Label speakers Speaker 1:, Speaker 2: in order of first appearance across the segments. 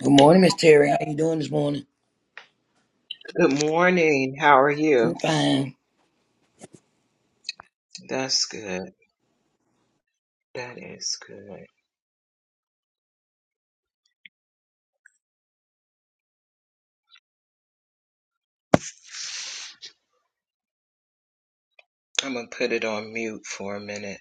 Speaker 1: Good morning, Miss Terry. How you doing this morning?
Speaker 2: Good morning. How are you?
Speaker 1: I'm fine.
Speaker 2: That's good. That is good. I'm going to put it on mute for a minute.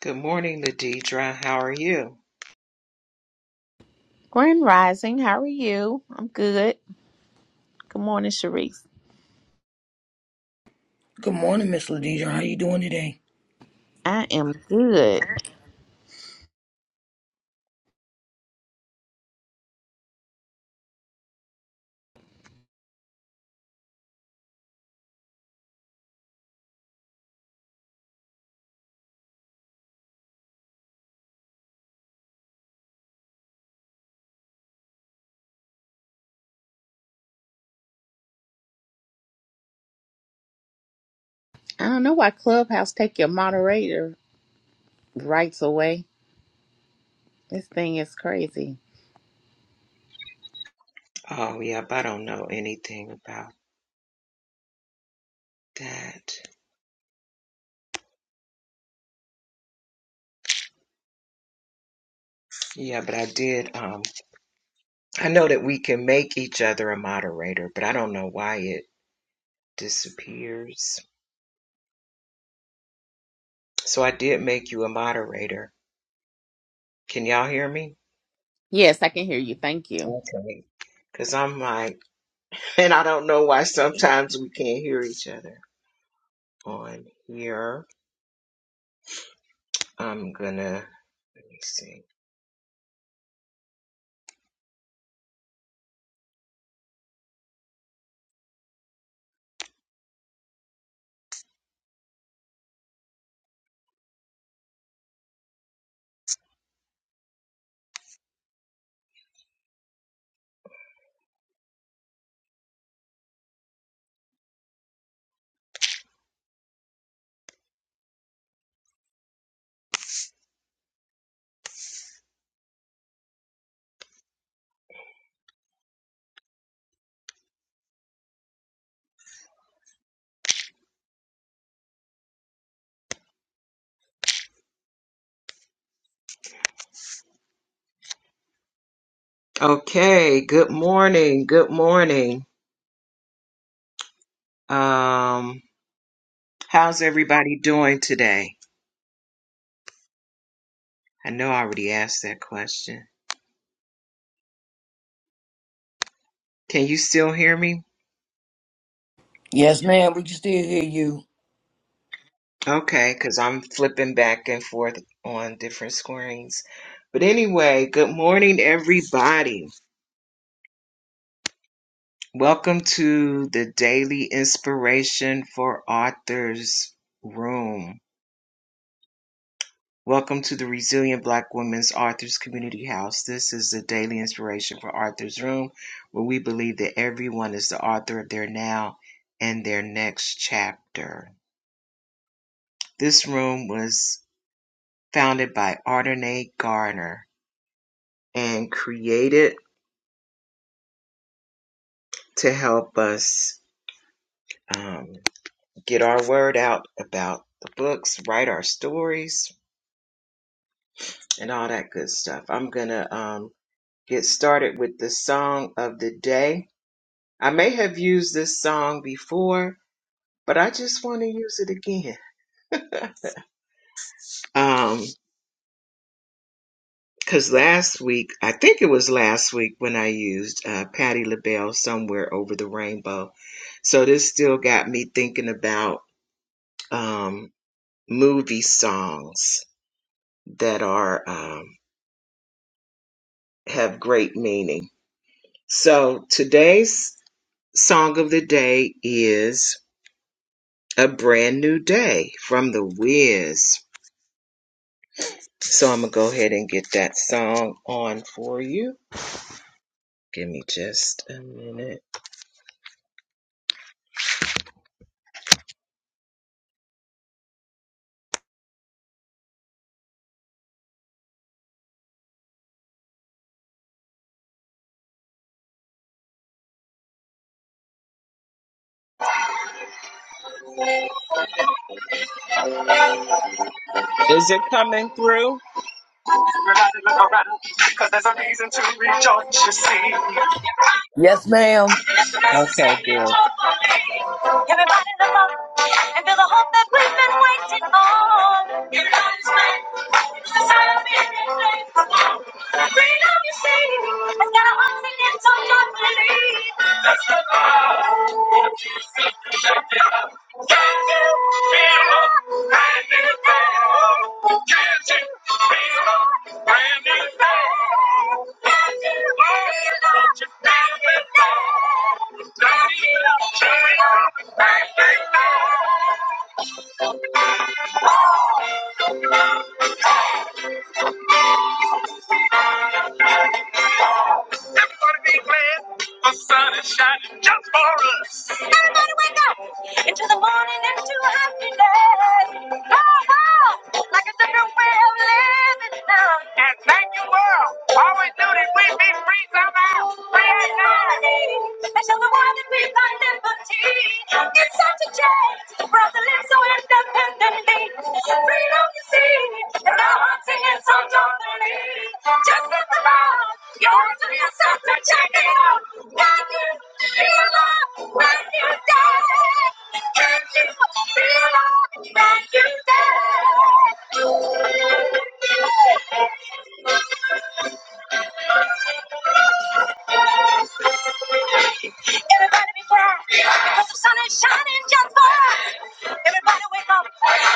Speaker 2: Good morning, Ladidra. How are you?
Speaker 3: Grand Rising, how are you? I'm good. Good morning, Sharice.
Speaker 1: Good morning, Miss Ladija. How you doing today?
Speaker 3: I am good. I don't know why Clubhouse take your moderator rights away. This thing is crazy.
Speaker 2: Oh, yep. I don't know anything about that. Yeah, but I did. Um, I know that we can make each other a moderator, but I don't know why it disappears. So I did make you a moderator. Can y'all hear me?
Speaker 3: Yes, I can hear you. Thank you.
Speaker 2: Okay. Because I'm like, and I don't know why sometimes we can't hear each other on here. I'm gonna let me see. Okay, good morning. Good morning. Um, how's everybody doing today? I know I already asked that question. Can you still hear me?
Speaker 1: Yes, ma'am. We can still hear you.
Speaker 2: Okay, because I'm flipping back and forth on different screens. But anyway, good morning, everybody. Welcome to the Daily Inspiration for Authors Room. Welcome to the Resilient Black Women's Authors Community House. This is the daily inspiration for Arthur's Room, where we believe that everyone is the author of their now and their next chapter. This room was founded by Ardenae Garner and created to help us um, get our word out about the books, write our stories, and all that good stuff. I'm going to um, get started with the song of the day I may have used this song before, but I just want to use it again. Um, cause last week, I think it was last week when I used uh, Patty LaBelle somewhere over the rainbow. So this still got me thinking about um, movie songs that are um, have great meaning. So today's song of the day is "A Brand New Day" from The Wiz. So I'm gonna go ahead and get that song on for you. Give me just a minute. Is it coming through?
Speaker 1: Yes, ma'am.
Speaker 2: Okay, good. Everybody look up and feel the hope that we've been waiting on. Your God is mine. It's the sign of being in faith. The Freedom you see, has got a heart that gets on your belief. That's the God. Can you feel a brand new day? Can you feel a brand new day? Can you feel a brand new day? Can you feel a brand new day? Everybody be glad. The sun is shining just for us. Everybody wake up into the morning into happiness. Oh, oh, like a different way of living now. And thank you, world. All we do is we be free somehow. Free at night. And show the world that we find liberty. It's such a change. The brother lives so independently. Freedom you see. is our heart's Everybody be glad because the sun is shining just for us. Everybody wake up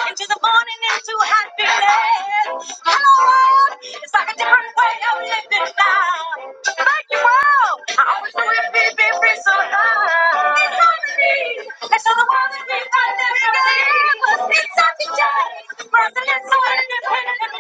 Speaker 2: into the morning into happiness. Hello world, it's like a different way of living now. Thank you world, I always knew it be be free so high. It's harmony, let's show the world that we can live in It's such a day for us to live so independently.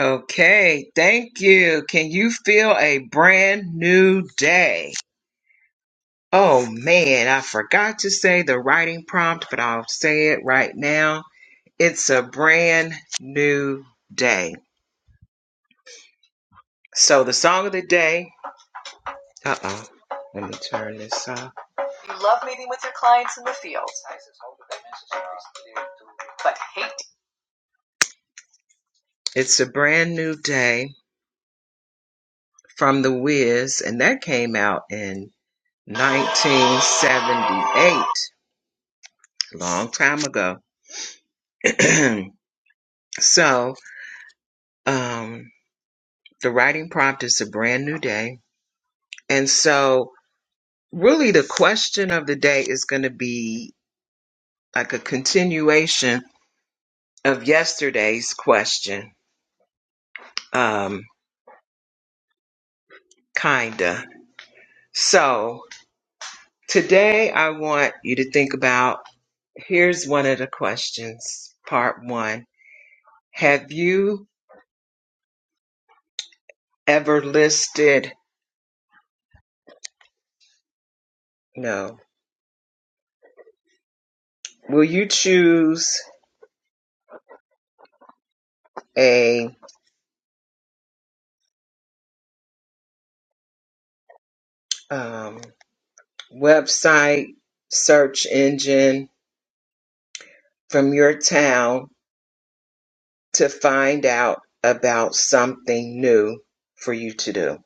Speaker 2: Okay, thank you. Can you feel a brand new day? Oh man, I forgot to say the writing prompt, but I'll say it right now. It's a brand new day. So the song of the day, uh oh, let me turn this off. It's a brand new day from The Wiz, and that came out in 1978, a long time ago. so, um, the writing prompt is a brand new day. And so, really, the question of the day is going to be like a continuation of yesterday's question, um, kinda. So today I want you to think about here's one of the questions, part one. Have you ever listed, no, will you choose a um, website search engine from your town to find out about something new for you to do?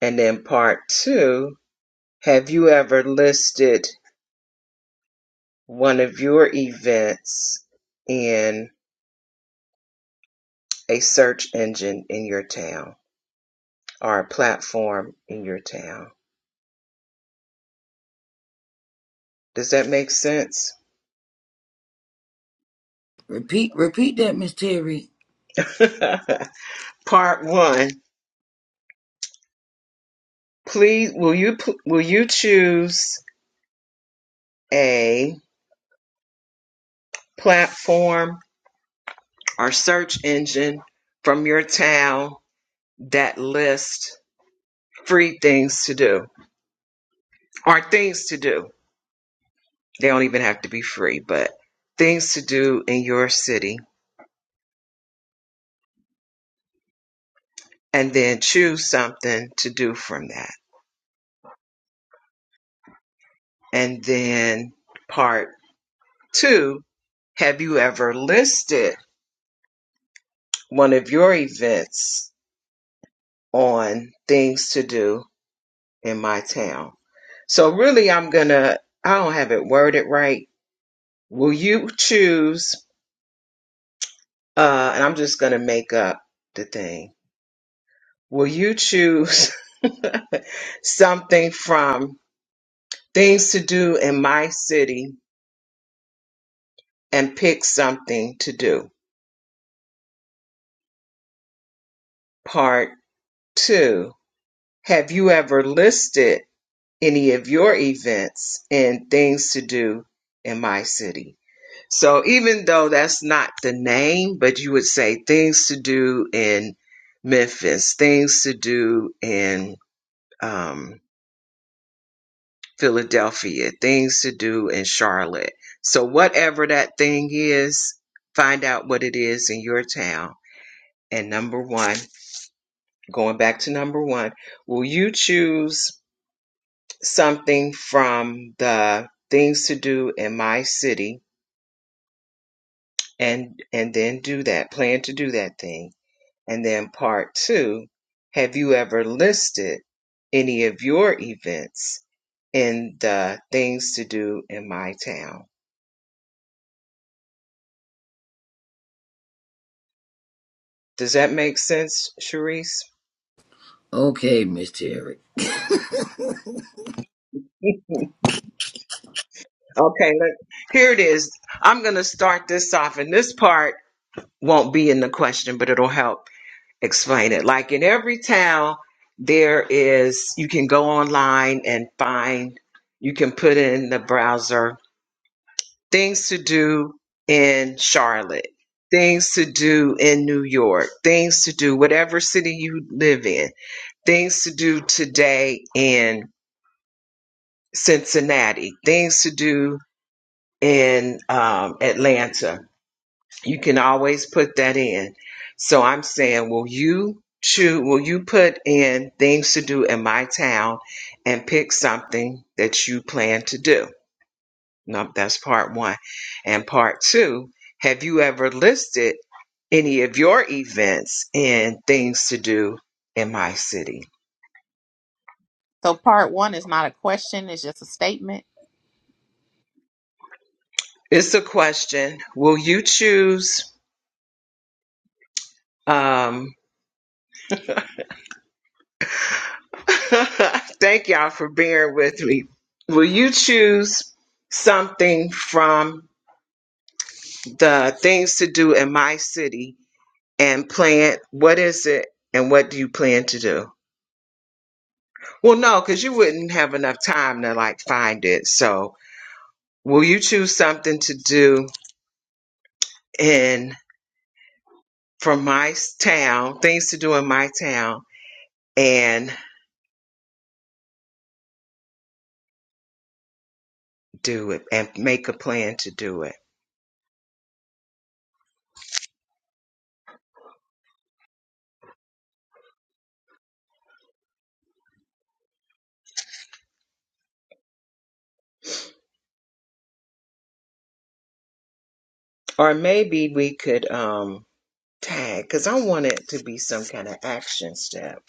Speaker 2: And then part two, have you ever listed one of your events in a search engine in your town or a platform in your town? Does that make sense?
Speaker 1: Repeat, repeat that, Miss Terry.
Speaker 2: part one, please will you will you choose a platform or search engine from your town that lists free things to do or things to do? They don't even have to be free, but things to do in your city and then choose something to do from that. And then part two, have you ever listed one of your events on things to do in my town? So really I'm gonna I don't have it worded right. Will you choose uh and I'm just gonna make up the thing. Will you choose something from Things to do in my city and pick something to do. Part two. Have you ever listed any of your events in things to do in my city? So even though that's not the name, but you would say things to do in Memphis, things to do in um, Philadelphia, things to do in Charlotte. So whatever that thing is, find out what it is in your town And number one, going back to number one, will you choose something from the things to do in my city and and then do that, plan to do that thing? And then part two, have you ever listed any of your events in the things to do in my town? Does that make sense, Sharice?
Speaker 1: Okay, Miss Terry.
Speaker 2: Okay, look, here it is. I'm going to start this off, and this part won't be in the question, but it'll help explain it. Like in every town, there is, you can go online and find, you can put in the browser things to do in Charlotte, things to do in New York, things to do, whatever city you live in, things to do today in Cincinnati, things to do in um, Atlanta You can always put that in. So I'm saying, will you choose, will you put in things to do in my town and pick something that you plan to do? No, that's part one. And part two, have you ever listed any of your events in things to do in my city?
Speaker 3: So part one is not a question, it's just a statement.
Speaker 2: It's a question. Will you choose? um, Thank y'all for bearing with me. Will you choose something from the things to do in my city and plan what is it and what do you plan to do? Well, no, because you wouldn't have enough time to like find it. So, will you choose something to do in from my s- town, things to do in my town, and do it and make a plan to do it? Or maybe we could um tag because I want it to be some kind of action step.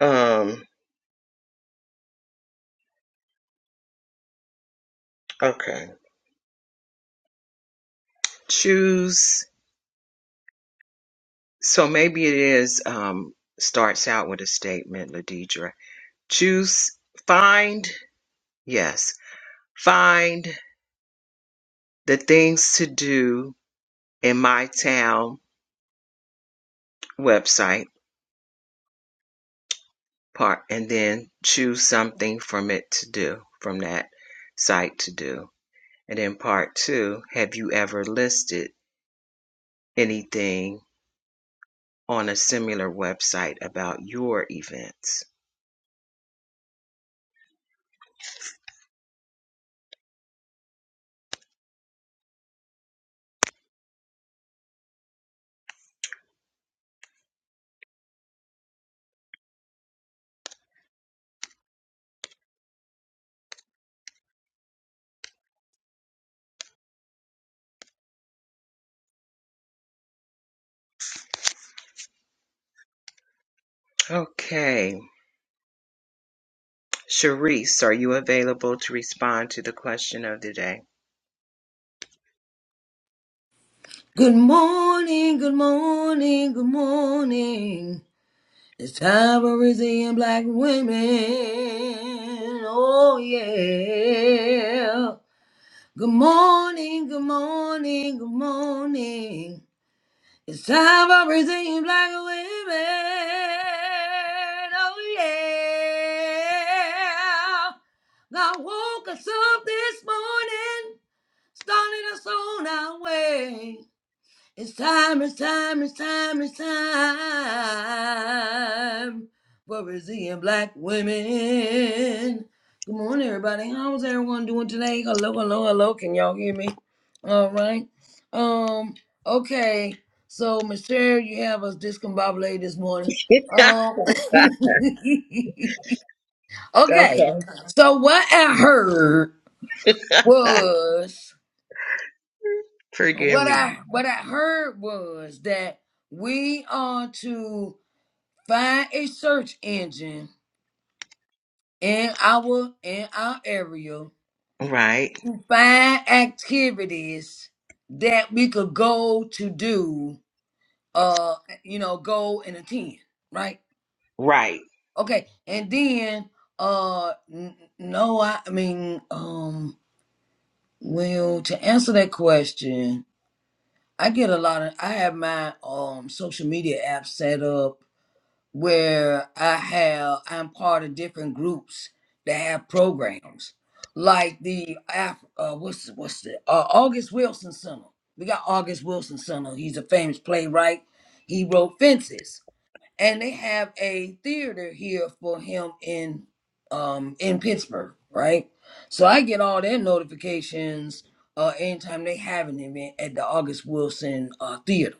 Speaker 2: Um, okay. Choose. So maybe it is, um, starts out with a statement, Ladidra. Choose, find, yes, find the things to do in my town website part and then choose something from it to do, from that site to do. And then part two, have you ever listed anything on a similar website about your events. Okay. Sharice, are you available to respond to the question of the day?
Speaker 1: Good morning, good morning, good morning. It's time for Brazilian black women. Oh yeah. Good morning, good morning, good morning. It's time for redeemed black women. Oh yeah. God woke us up this morning, started us on our way. It's time, it's time, it's time, it's time for Brazilian black women. Good morning, everybody. How's everyone doing today? Hello, hello, hello. Can y'all hear me? All right. Um, okay. So, Michelle, you have us discombobulated this morning.
Speaker 2: okay.
Speaker 1: Um, okay. So, what I heard was.
Speaker 2: Forgive
Speaker 1: what
Speaker 2: me.
Speaker 1: I what I heard was that we are to find a search engine in our in our area,
Speaker 2: Right.
Speaker 1: find activities that we could go to do, uh, you know, go and attend, right?
Speaker 2: Right.
Speaker 1: Okay, and then uh, n- no, I, I mean, um, well, to answer that question, I get a lot of I have my um social media app set up where I have I'm part of different groups that have programs like the Af- uh, what's what's the uh, August Wilson Center. We got August Wilson Center. He's a famous playwright. He wrote Fences, and they have a theater here for him in um in Pittsburgh, right? So I get all their notifications uh anytime they have an event at the August Wilson uh theater.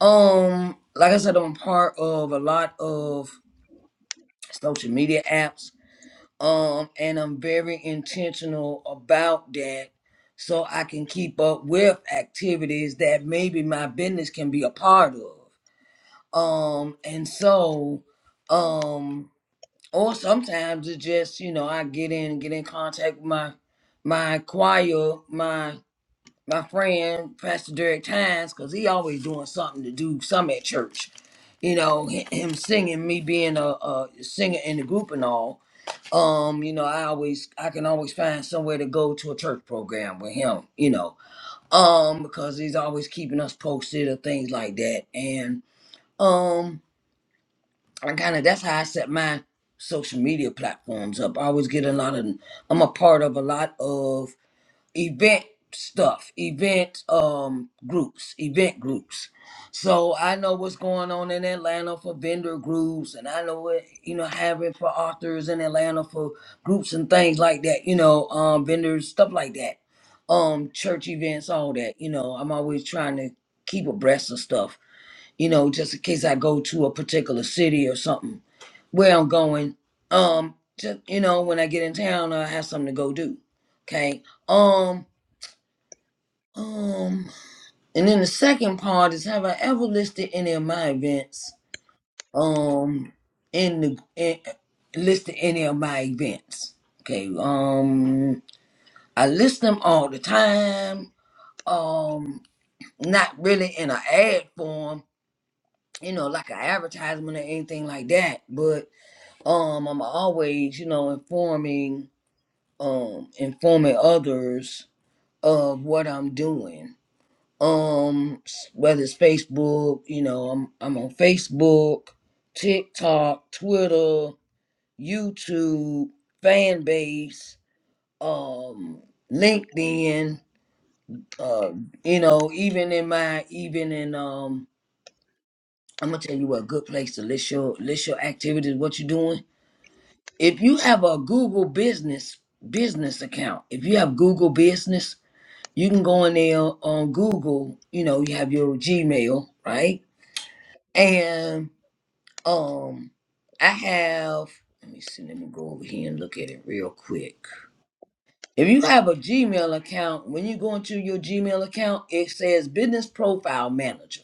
Speaker 1: Um like I said I'm part of a lot of social media apps. Um, and I'm very intentional about that so I can keep up with activities that maybe my business can be a part of. Um, and so, um, or sometimes it's just, you know, I get in, get in contact with my, my choir, my my friend Pastor Derek Tynes, because he always doing something to do some at church. You know, hi- him singing, me being a, a singer in the group and all. Um, you know, I always I can always find somewhere to go to a church program with him. You know, um, because he's always keeping us posted or things like that. And um, I kind of that's how I set my social media platforms up. I always get a lot of. I'm a part of a lot of event stuff, event um groups, event groups. So I know what's going on in Atlanta for vendor groups and I know what you know having for authors in Atlanta for groups and things like that, you know, um vendors, stuff like that. Um church events, all that, you know, I'm always trying to keep abreast of stuff, you know, just in case I go to a particular city or something where I'm going. Um just you know, when I get in town I have something to go do. Okay. um. Um, and then the second part is have I ever listed any of my events? Um, in the in, listed any of my events? Okay. Um, I list them all the time. Um, not really in an ad form, you know, like an advertisement or anything like that. But um, I'm always, you know, informing um informing others of what I'm doing um s- whether it's Facebook, you know, I'm I'm on Facebook, TikTok, Twitter, YouTube, fan base, um, LinkedIn, uh, you know, even in my even in um I'm gonna tell you what good place to list your list your activities, what you're doing. If you have a Google business business account, if you have Google business, you can go in there on Google, you know, you have your Gmail, right? And um I have let me see, let me go over here and look at it real quick. If you have a Gmail account, when you go into your Gmail account, it says business profile manager.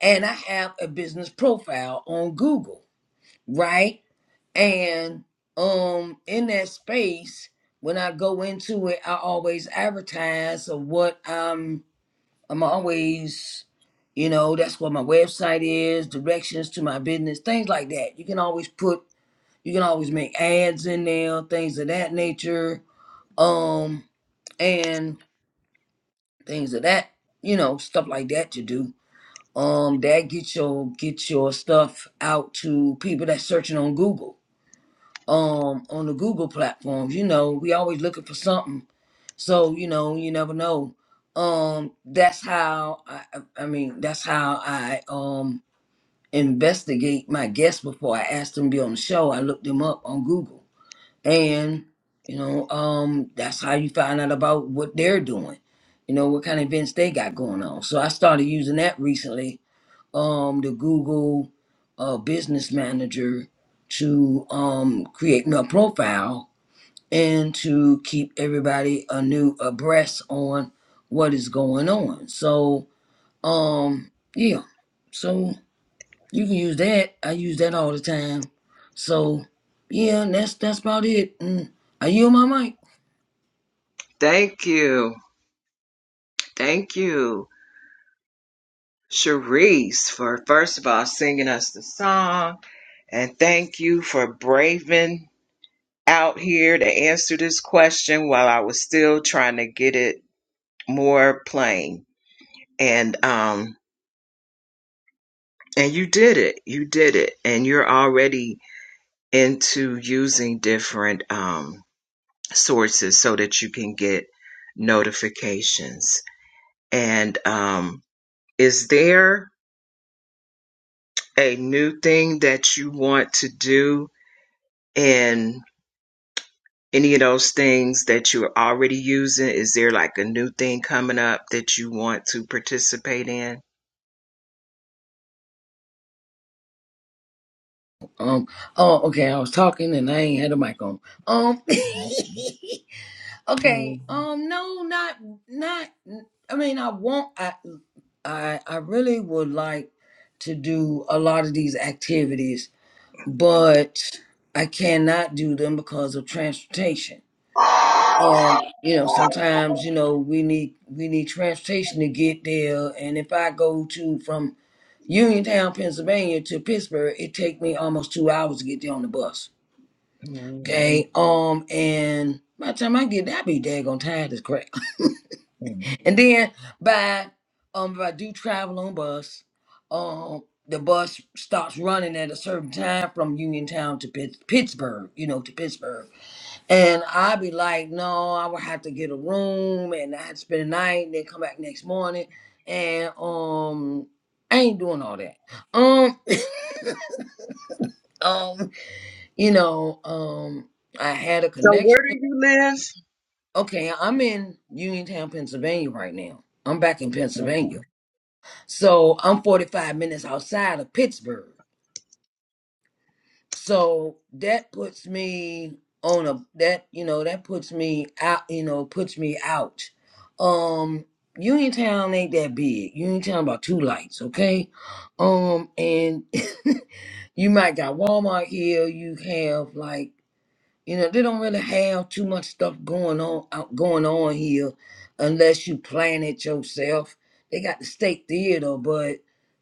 Speaker 1: And I have a business profile on Google, right? And um in that space, when I go into it, I always advertise of what I'm I'm always, you know, that's what my website is, directions to my business, things like that. You can always put, you can always make ads in there, things of that nature, um, and things of that, you know, stuff like that to do. Um, that get your get your stuff out to people that's searching on Google um on the Google platforms. You know, we always looking for something. So, you know, you never know. Um, that's how I I I mean, that's how I um investigate my guests before I ask them to be on the show. I look them up on Google. And, you know, um, that's how you find out about what they're doing, you know, what kind of events they got going on. So I started using that recently um, the Google uh, Business Manager to um, create my profile and to keep everybody anew abreast on what is going on. So, um, yeah, so you can use that. I use that all the time. So, yeah, and that's that's about it. Mm. Are you on my mic?
Speaker 2: Thank you. Thank you, Sharice, for first of all singing us the song. And thank you for braving out here to answer this question while I was still trying to get it more plain. And um And you did it. You did it. And you're already into using different um, sources so that you can get notifications. And um, is there a new thing that you want to do in any of those things that you're already using? Is there like a new thing coming up that you want to participate in?
Speaker 1: Um. Oh, okay. I was talking and I ain't had a mic on. Um. Okay. Um. No. Not. Not. I mean, I want. I. I. I really would like to do a lot of these activities, but I cannot do them because of transportation. Um. You know. Sometimes. You know. We need. We need transportation to get there. And if I go to from Uniontown, Pennsylvania to Pittsburgh, it take me almost two hours to get there on the bus. Okay. Um. And by the time I get there, I be daggone tired as crap. And then by um if I do travel on bus, um the bus stops running at a certain time from Uniontown to Pitts Pittsburgh, you know, to Pittsburgh. And i be like, no, I would have to get a room and I had to spend the night and then come back next morning. And um I ain't doing all that. Um um you know, um I had a
Speaker 2: So where
Speaker 1: connection.
Speaker 2: do you live?
Speaker 1: Okay, I'm in Uniontown, Pennsylvania right now. I'm back in Pennsylvania. So I'm 45 minutes outside of Pittsburgh. So that puts me on a that you know that puts me out you know puts me out. Um Uniontown ain't that big. Uniontown about two lights, okay? Um and you might got Walmart here, you have like you know, they don't really have too much stuff going on out going on here unless you plan it yourself. They got the state theater, but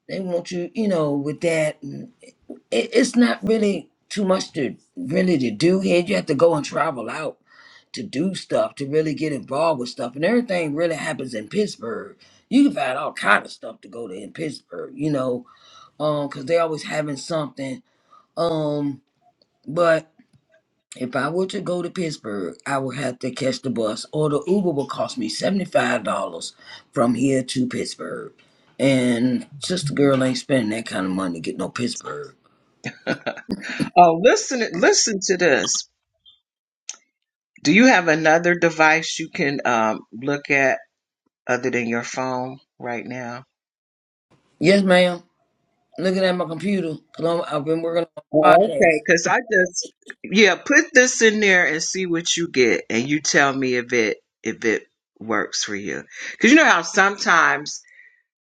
Speaker 1: they want you, you know, with that. and It, it's not really too much to really to do here. You have to go and travel out to do stuff, to really get involved with stuff. And everything really happens in Pittsburgh. You can find all kind of stuff to go to in Pittsburgh, you know, um, because they always having something. Um, but if I were to go to Pittsburgh, I would have to catch the bus, or the Uber would cost me $75 from here to Pittsburgh. And sister girl ain't spending that kind of money to get no Pittsburgh.
Speaker 2: Oh, listen, listen to this. Do you have another device you can um, look at other than your phone right now?
Speaker 1: Yes, ma'am. Looking at my computer, 'cause I'm, I've been working on a
Speaker 2: Oh, okay,
Speaker 1: podcast.
Speaker 2: because I just yeah, put this in there and see what you get, and you tell me if it if it works for you. Because you know how sometimes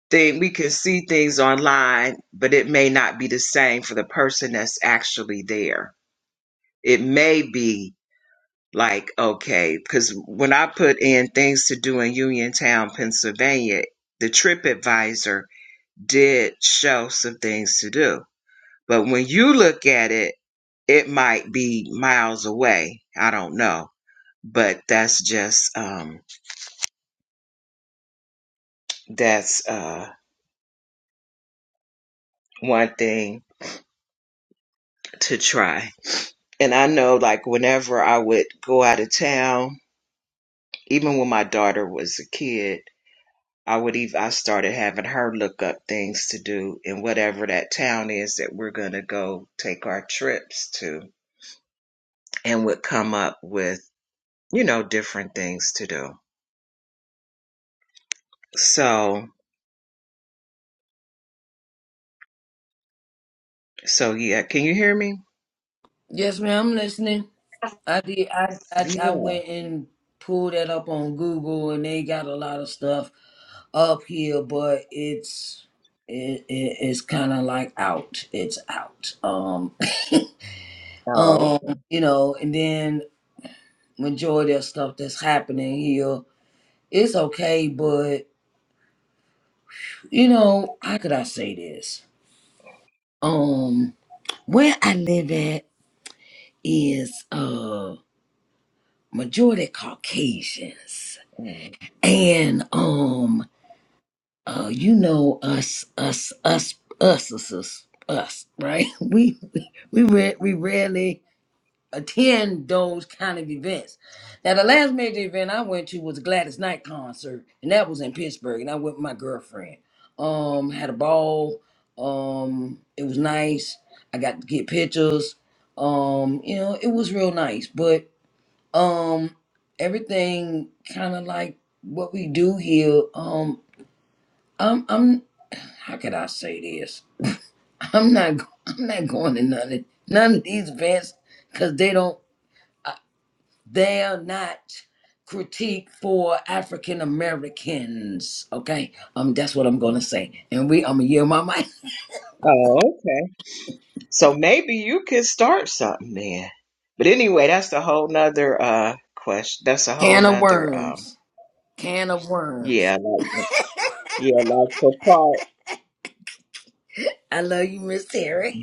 Speaker 2: thing we can see things online, but it may not be the same for the person that's actually there. It may be Like, okay, because when I put in things to do in Uniontown, Pennsylvania, the TripAdvisor did show some things to do. But when you look at it, it might be miles away. I don't know. But that's just um that's uh one thing to try. And I know like whenever I would go out of town, even when my daughter was a kid, I would even I started having her look up things to do in whatever that town is that we're gonna go take our trips to and would come up with, you know, different things to do. So so yeah, can you hear me?
Speaker 1: Yes, ma'am. I'm listening. I did. I, I
Speaker 2: Yeah.
Speaker 1: I went and pulled that up on Google, and they got a lot of stuff up here, but it's it, it it's kind of like out. It's out. Um.
Speaker 2: Oh.
Speaker 1: Um,
Speaker 2: okay.
Speaker 1: you know, and then majority of stuff that's happening here is okay, but you know, how could I say this? Um, where I live at is uh majority Caucasians. And um uh you know us us us us us us, us right? We we we, re- we rarely attend those kind of events. Now, the last major event I went to was a Gladys Knight concert, and that was in Pittsburgh, and I went with my girlfriend. Um, had a ball. Um, it was nice. I got to get pictures. Um, you know, it was real nice, but um, everything kind of like what we do here. Um, I'm, I'm, how could I say this? I'm not, I'm not going to none of none of these events because they don't. They are not critique for African Americans. Okay, um, that's what I'm gonna say. And we, I'm gonna yell my mic.
Speaker 2: Oh, okay. So maybe you could start something then. But anyway, that's a whole nother uh question. That's a whole
Speaker 1: Can of
Speaker 2: nother um
Speaker 1: worms. Can of
Speaker 2: yeah,
Speaker 1: worms.
Speaker 2: like yeah, like for part
Speaker 1: I love you, Miss Terry.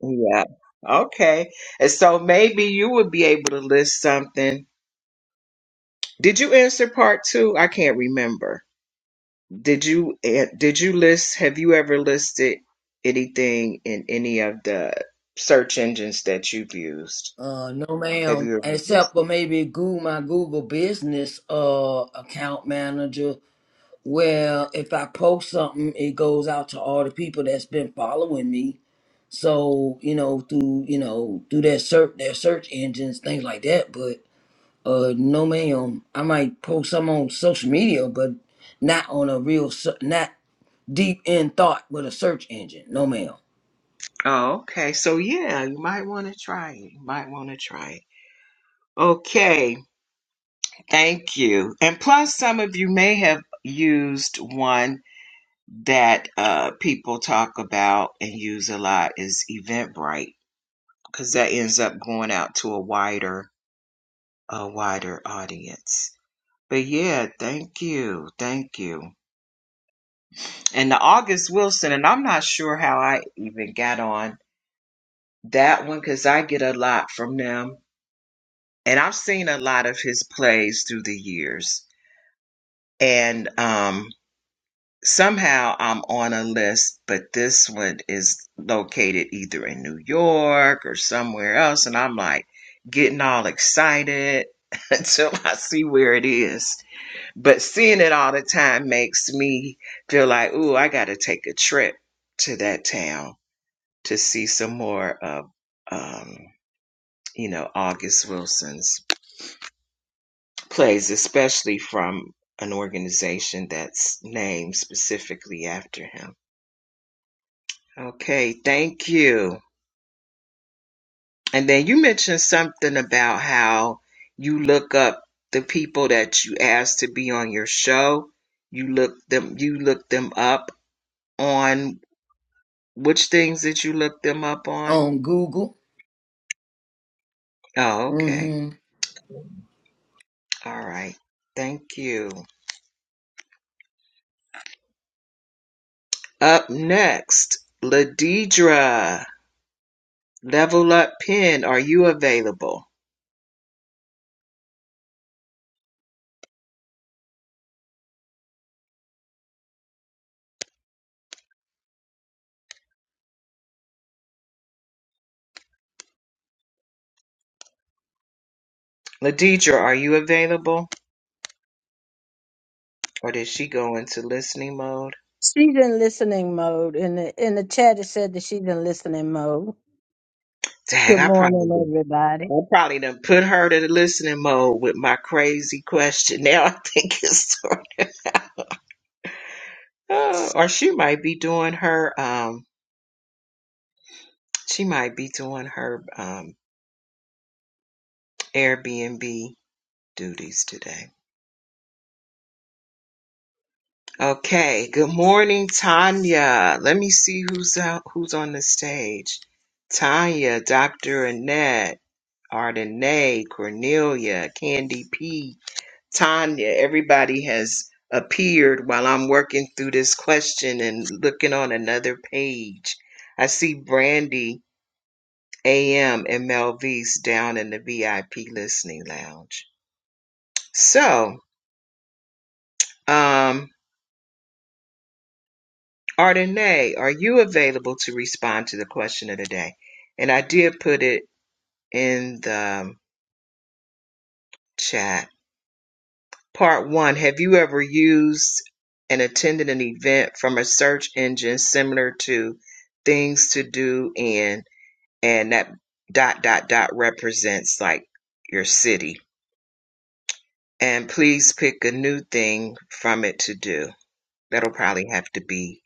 Speaker 2: Yeah. Okay. And so maybe you would be able to list something. Did you answer part two? I can't remember. Did you eh, did you list have you ever listed anything in any of the search engines that you've used?
Speaker 1: Uh, no,
Speaker 2: Have
Speaker 1: ma'am.
Speaker 2: you ever
Speaker 1: Except
Speaker 2: listed?
Speaker 1: for maybe Google my Google Business uh account manager. Well, if I post something, it goes out to all the people that's been following me. So you know, through you know, through that search, their search engines, things like that. But Uh, no, ma'am. I might post some on social media, but not on a real, se- not deep in thought with a search engine. No, ma'am.
Speaker 2: Oh, okay. So yeah, you might want to try it. You might want to try it. Okay. Thank you. And plus some of you may have used one that uh, people talk about and use a lot is Eventbrite because that ends up going out to a wider, a wider audience. But yeah, thank you, thank you. And the August Wilson, and I'm not sure how I even got on that one because I get a lot from them, and I've seen a lot of his plays through the years. And um, somehow I'm on a list, but this one is located either in New York or somewhere else. And I'm like getting all excited until I see where it is. But seeing it all the time makes me feel like, ooh, I got to take a trip to that town to see some more of, um, you know, August Wilson's plays, especially from an organization that's named specifically after him. Okay, thank you. And then you mentioned something about how you look up the people that you ask to be on your show. You look them you look them up on which things did you look them up on?
Speaker 1: On Google.
Speaker 2: Oh, okay.
Speaker 1: Mm-hmm.
Speaker 2: All right. Thank you. Up next, Ladidra. Level up pin, are you available? Ladidra, are you available? Or did she go into listening mode?
Speaker 4: She's in listening mode. In the in the chat, it said that she's in listening mode.
Speaker 2: Dag,
Speaker 4: Good
Speaker 2: I probably
Speaker 4: morning, everybody.
Speaker 2: Well, I probably done put her to the listening mode with my crazy question. Now I think it's or she might be doing her um she might be doing her um Airbnb duties today. Okay, good morning, Tanya. Let me see who's out who's on the stage. Tanya, Dr. Annette, Ardenae, Cornelia, Candy P, Tanya, everybody has appeared while I'm working through this question and looking on another page. I see Brandy, AM, and Melvise down in the VIP listening lounge. So, um, Ardenay, are you available to respond to the question of the day? And I did put it in the chat. Part one, have you ever used and attended an event from a search engine similar to things to do in and that dot dot dot represents like your city? And please pick a new thing from it to do. That'll probably have to be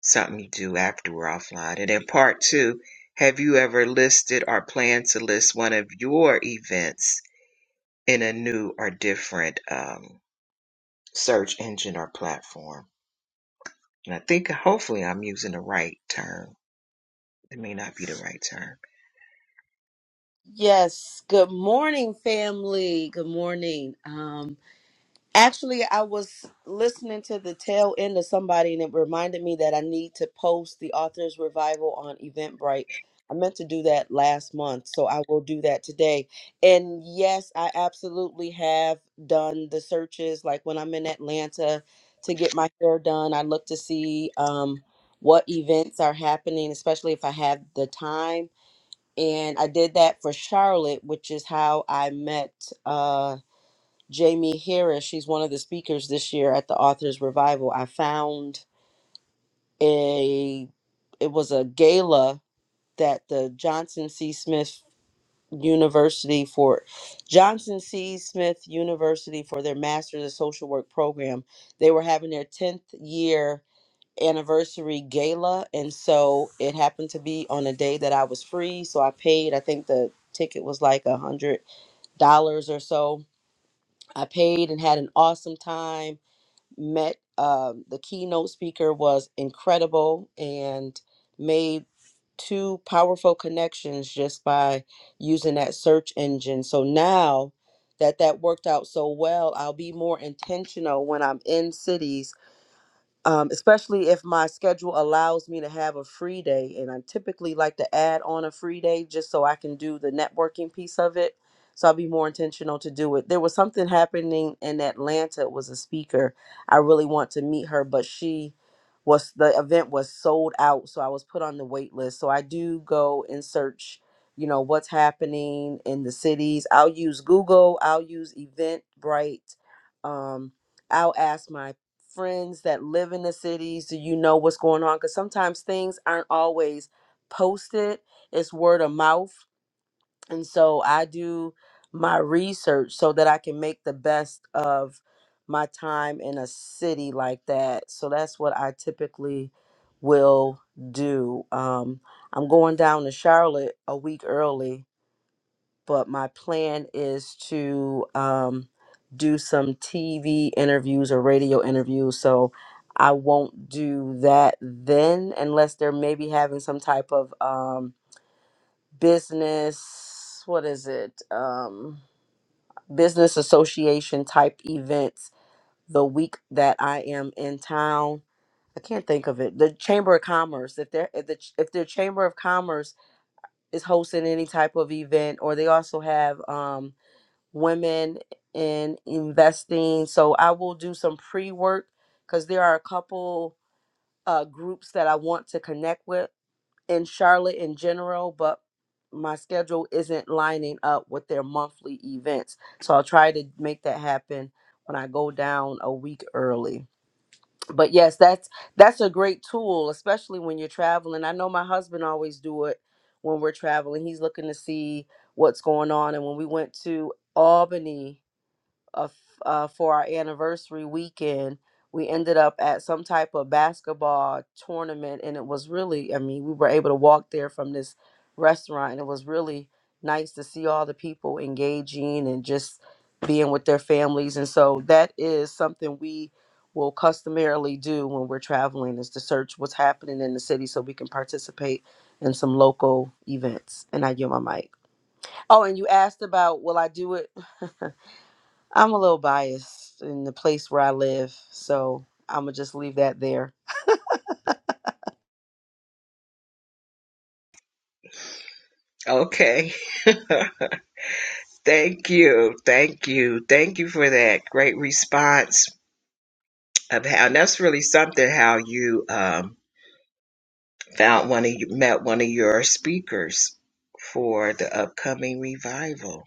Speaker 2: something you do after we're offline. And then part two, have you ever listed or planned to list one of your events in a new or different um, search engine or platform? And I think hopefully I'm using the right term. It may not be the right term.
Speaker 5: Yes, good morning, family. Good morning. Um, actually, I was listening to the tail end of somebody, and it reminded me that I need to post the author's revival on Eventbrite. I meant to do that last month, so I will do that today. And yes, I absolutely have done the searches. Like when I'm in Atlanta to get my hair done, I look to see um, what events are happening, especially if I have the time and I did that for Charlotte, which is how I met uh, Jamie Harris. She's one of the speakers this year at the Authors Revival. I found a it was a gala that the Johnson C. Smith University for Johnson C. Smith University for their Masters of Social Work program. They were having their tenth year anniversary gala and so it happened to be on a day that I was free so I paid I think the ticket was like a hundred dollars or so I paid and had an awesome time met um, the keynote speaker was incredible and made two powerful connections just by using that search engine so now that that worked out so well I'll be more intentional when I'm in cities um, especially if my schedule allows me to have a free day. And I typically like to add on a free day just so I can do the networking piece of it. So I'll be more intentional to do it. There was something happening in Atlanta. It was a speaker. I really want to meet her, but she was the event was sold out, so I was put on the wait list. So I do go and search, you know, what's happening in the cities. I'll use Google. I'll use Eventbrite. Um, I'll ask my friends that live in the cities? Do you know what's going on? Because sometimes things aren't always posted, it's word of mouth. And so I do my research so that I can make the best of my time in a city like that. So that's what I typically will do. Um, I'm going down to Charlotte a week early but my plan is to um, do some TV interviews or radio interviews. So I won't do that then unless they're maybe having some type of um, business, what is it? Um, business association type events the week that I am in town. I can't think of it. The Chamber of Commerce, if they're if the, if the Chamber of Commerce is hosting any type of event, or they also have um, women in investing. So I will do some pre work because there are a couple uh, groups that I want to connect with in Charlotte in general, but my schedule isn't lining up with their monthly events. So I'll try to make that happen when I go down a week early. But yes, that's that's a great tool, especially when you're traveling. I know my husband always do it when we're traveling. He's looking to see what's going on. And when we went to Albany, uh, f- uh, for our anniversary weekend, we ended up at some type of basketball tournament, and it was really, I mean, we were able to walk there from this restaurant, and it was really nice to see all the people engaging and just being with their families. And so that is something we will customarily do when we're traveling is to search what's happening in the city so we can participate in some local events. And I give my mic. Oh, and you asked about will I do it? I'm a little biased in the place where I live, so I'm gonna just leave that there.
Speaker 2: Okay. thank you. Thank you. Thank you for that great response of how and that's really something how you um, found one of you met one of your speakers for the upcoming revival.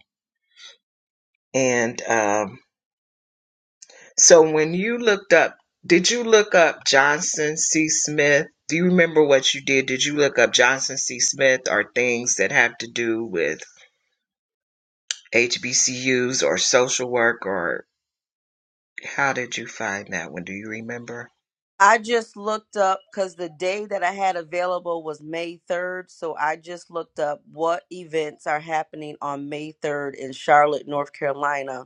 Speaker 2: And um, so when you looked up, did you look up Johnson C. Smith? Do you remember what you did? Did you look up Johnson C. Smith or things that have to do with HBCUs or social work or how did you find that one? Do you remember?
Speaker 5: I just looked up because the day that I had available was May 3rd, so I just looked up what events are happening on May 3rd in Charlotte, North Carolina.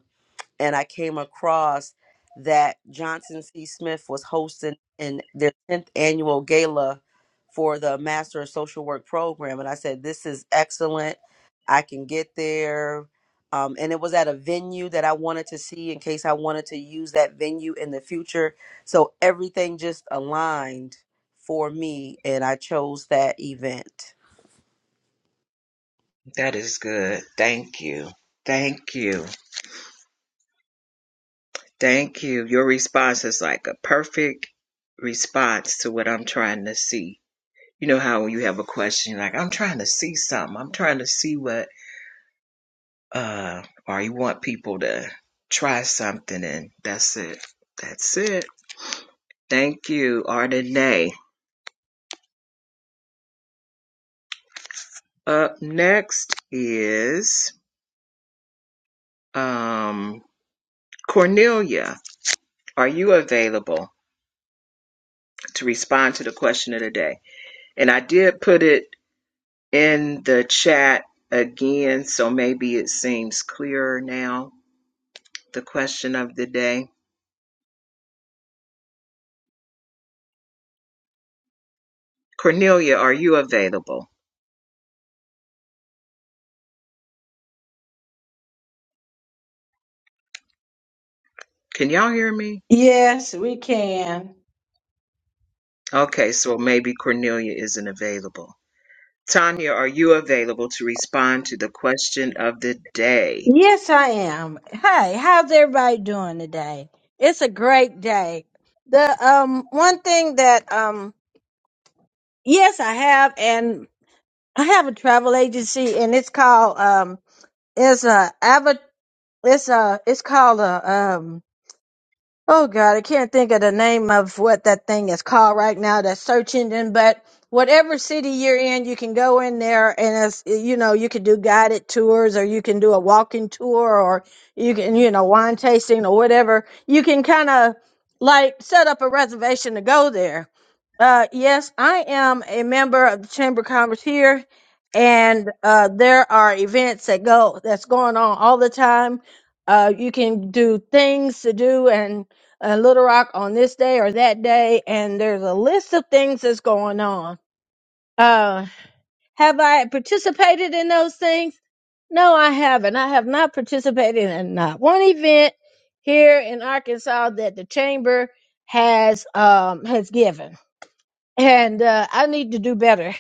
Speaker 5: and I came across that Johnson C. Smith was hosting in their 10th annual gala for the Master of Social Work program. And I said, This is excellent. I can get there. Um, and it was at a venue that I wanted to see in case I wanted to use that venue in the future. So everything just aligned for me, and I chose that event.
Speaker 2: That is good. Thank you. Thank you. Thank you. Your response is like a perfect response to what I'm trying to see. You know how when you have a question, you're like, I'm trying to see something. I'm trying to see what, uh, or you want people to try something and that's it. That's it. Thank you, Ardenae. Up next is Um, Cornelia, are you available to respond to the question of the day? And I did put it in the chat again, so maybe it seems clearer now. The question of the day. Cornelia, are you available? Can y'all hear me?
Speaker 4: Yes, we can.
Speaker 2: Okay, so maybe Cornelia isn't available. Tanya, are you available to respond to the question of the day?
Speaker 4: Yes, I am. Hey, how's everybody doing today? It's a great day. The um one thing that um yes I have and I have a travel agency and it's called um it's a ava it's a it's called a um, Oh God, I can't think of the name of what that thing is called right now, that search engine, but whatever city you're in, you can go in there and it's, you know, you can do guided tours or you can do a walking tour or you can, you know, wine tasting or whatever. You can kind of like set up a reservation to go there. Uh, yes, I am a member of the Chamber of Commerce here and, uh, there are events that go, that's going on all the time. Uh, you can do things to do and uh, Little Rock on this day or that day, and there's a list of things that's going on. Uh, have I participated in those things? No, I haven't. I have not participated in not one event here in Arkansas that the chamber has um has given, and uh, I need to do better.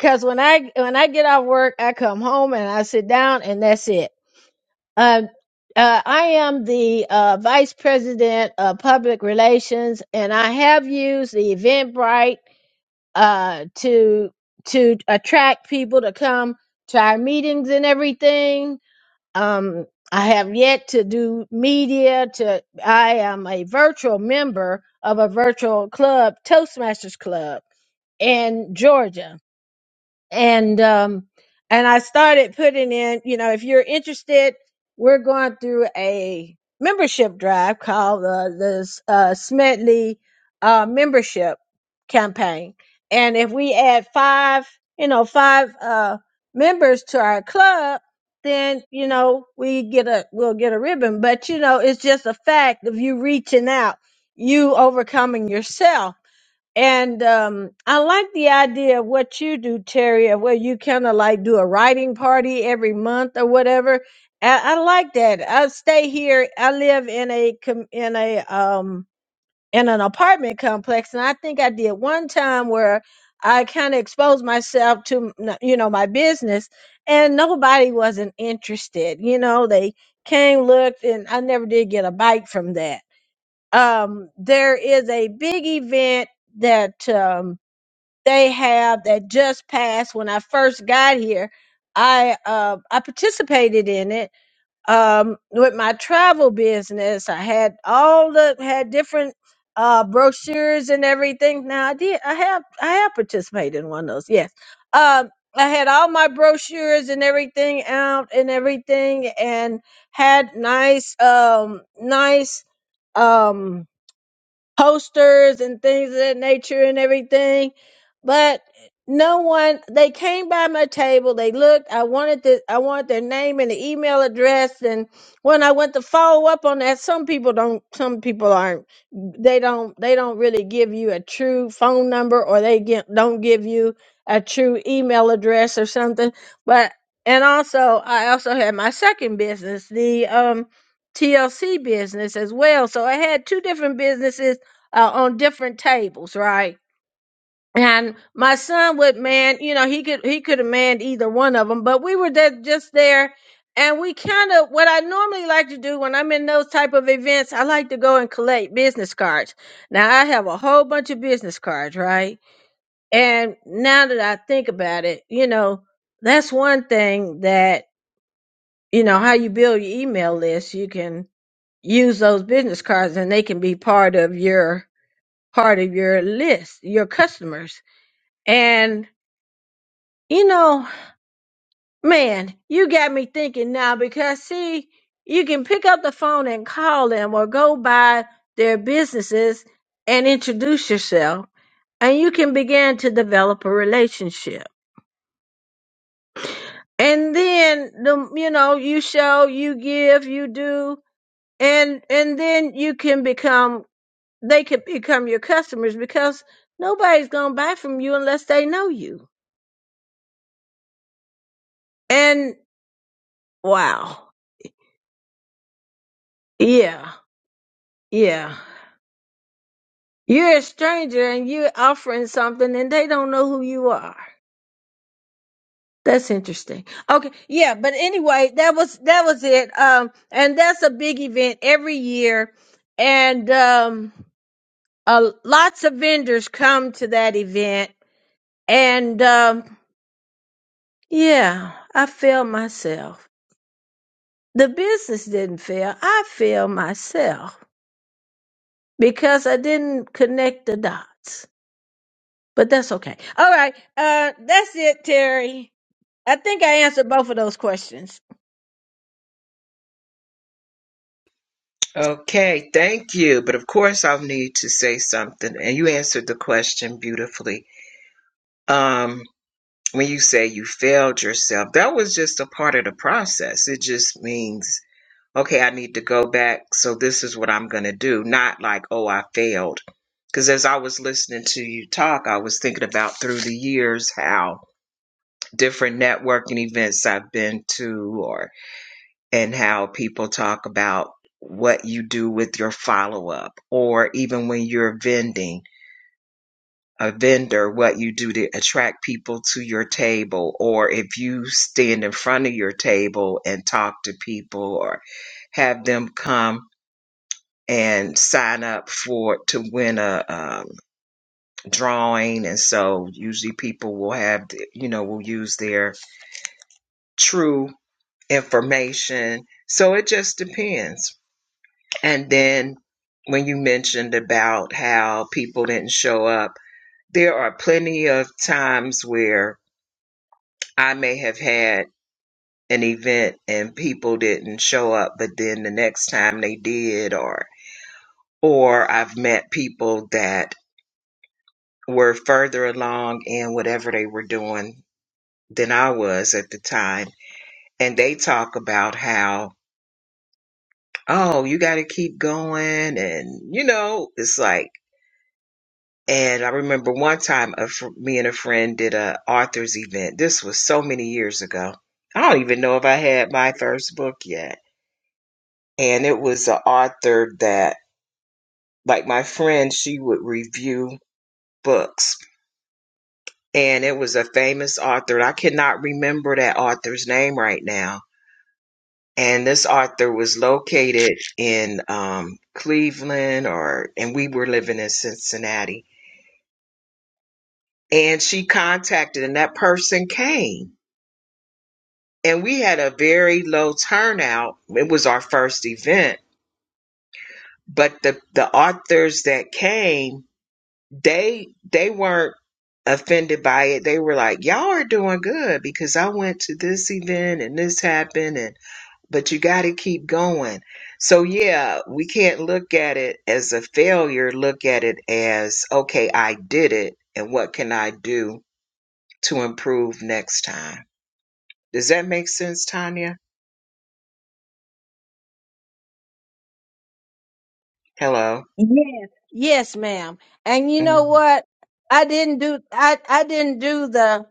Speaker 4: Cause when I when I get off work, I come home and I sit down and that's it. Uh, uh, I am the uh, Vice President of Public Relations, and I have used the Eventbrite uh, to to attract people to come to our meetings and everything. Um, I have yet to do media. To I am a virtual member of a virtual club, Toastmasters Club in Georgia and um and I started putting in, you know, if you're interested, we're going through a membership drive called uh, the uh, Smedley uh, membership campaign, and if we add five, you know, five uh, members to our club, then you know we get a we'll get a ribbon. But you know, it's just a fact of you reaching out, you overcoming yourself and um, I like the idea of what you do, Terry, of where you kind of like do a writing party every month or whatever. I, I like that. I stay here. I live in a com- in a um in an apartment complex, and I think I did one time where I kind of exposed myself to m- you know my business, and nobody wasn't interested. You know, they came, looked, and I never did get a bite from that um, there is a big event that um, they have that just passed. When I first got here, I uh, I participated in it um, with my travel business. I had all the had different uh, brochures and everything. Now I did I have I have participated in one of those. Yes, um, I had all my brochures and everything out and everything, and had nice um, nice. Um, posters and things of that nature and everything. But no one they came by my table, they looked, I wanted the I wanted their name and the email address and when I went to follow up on that, some people don't some people aren't they don't they don't really give you a true phone number or they get, don't give you a true email address or something. But and also I also had my second business, the um TLC business as well. So I had two different businesses uh, on different tables, right? And my son would man, you know, he could he could have manned either one of them, but we were there, just there, and we kind of what I normally like to do when I'm in those type of events, I like to go and collect business cards. Now I have a whole bunch of business cards, right? And now that I think about it, you know, that's one thing that you know how you build your email list. You can use those business cards, and they can be part of your part of your list, your customers. And, you know, man, you got me thinking now because see, you can pick up the phone and call them or go by their businesses and introduce yourself and you can begin to develop a relationship. And then the, you know, you show, you give, you do, and, and then you can become, they can become your customers because nobody's going to buy from you unless they know you. And Wow. Yeah. Yeah. You're a stranger and you're offering something and they don't know who you are. That's interesting. Okay. Yeah. But anyway, that was, that was it. Um, and that's a big event every year. And, um, uh, lots of vendors come to that event. And, um, yeah, I failed myself. The business didn't fail. I failed myself because I didn't connect the dots. But that's okay. All right. Uh that's it, Terry. I think I answered both of those questions.
Speaker 2: Okay, thank you. But of course, I'll need to say something. And you answered the question beautifully. Um, when you say you failed yourself, that was just a part of the process. It just means, okay, I need to go back. So this is what I'm going to do. Not like, oh, I failed. Because as I was listening to you talk, I was thinking about through the years how different networking events I've been to or and how people talk about what you do with your follow up, or even when you're vending a vendor, what you do to attract people to your table, or if you stand in front of your table and talk to people, or have them come and sign up for to win a um, drawing, and so usually people will have the- you know will use their true information. So it just depends And then when you mentioned about how people didn't show up, there are plenty of times where I may have had an event and people didn't show up, but then the next time they did, or or I've met people that were further along in whatever they were doing than I was at the time, and they talk about how, oh, you got to keep going, and you know, it's like And I remember one time, a fr- me and a friend did a authors event. This was so many years ago. I don't even know if I had my first book yet. And it was an author that, like my friend, she would review books. And it was a famous author. and I cannot remember that author's name right now. And this author was located in um, Cleveland, or and we were living in Cincinnati. And she contacted, and that person came and we had a very low turnout. It was our first event, but the the authors that came, they they weren't offended by it. They were like, "Y'all are doing good because I went to this event and this happened and but you got to keep going." So yeah, we can't look at it as a failure. Look at it as, "Okay, I did it and what can I do to improve next time?" Does that make sense, Tanya? Hello.
Speaker 4: Yes. Yes, ma'am. And you
Speaker 2: Mm-hmm.
Speaker 4: know what? I didn't do I, I didn't do the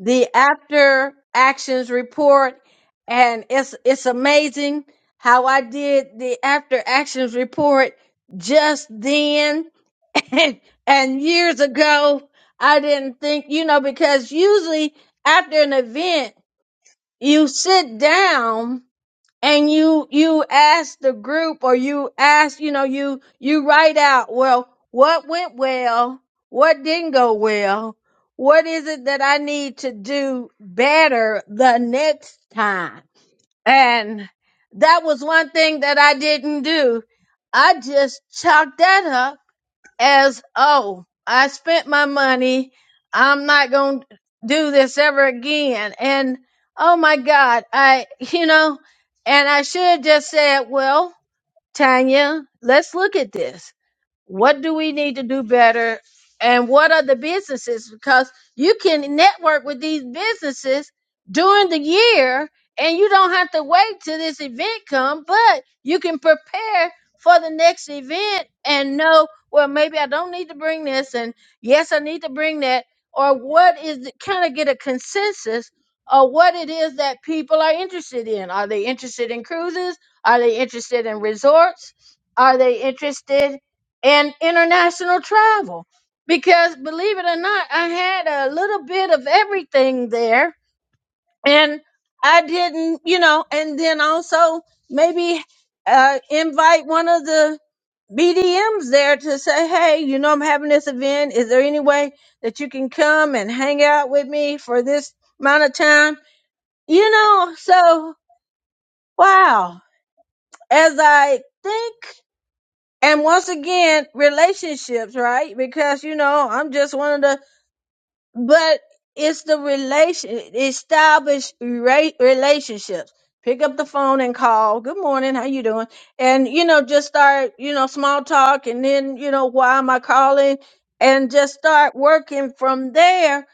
Speaker 4: the after actions report and it's it's amazing how I did the after actions report just then and, and years ago I didn't think, you know, because usually after an event you sit down and you you ask the group or you ask you know you you write out well what went well what didn't go well what is it that i need to do better the next time and that was one thing that i didn't do i just chalked that up as oh i spent my money i'm not going to do this ever again and oh my god i you know and i should have just said well tanya let's look at this what do we need to do better and what are the businesses because you can network with these businesses during the year and you don't have to wait till this event come but you can prepare for the next event and know well maybe i don't need to bring this and yes i need to bring that or what is kind of get a consensus of what it is that people are interested in are they interested in cruises are they interested in resorts are they interested and international travel because believe it or not i had a little bit of everything there and i didn't you know and then also maybe uh, invite one of the bdms there to say hey you know i'm having this event is there any way that you can come and hang out with me for this amount of time you know so wow as i think And once again, relationships, right? Because, you know, I'm just one of the but it's the relation established re- relationships pick up the phone and call good morning how you doing and you know just start you know small talk and then you know why am i calling and just start working from there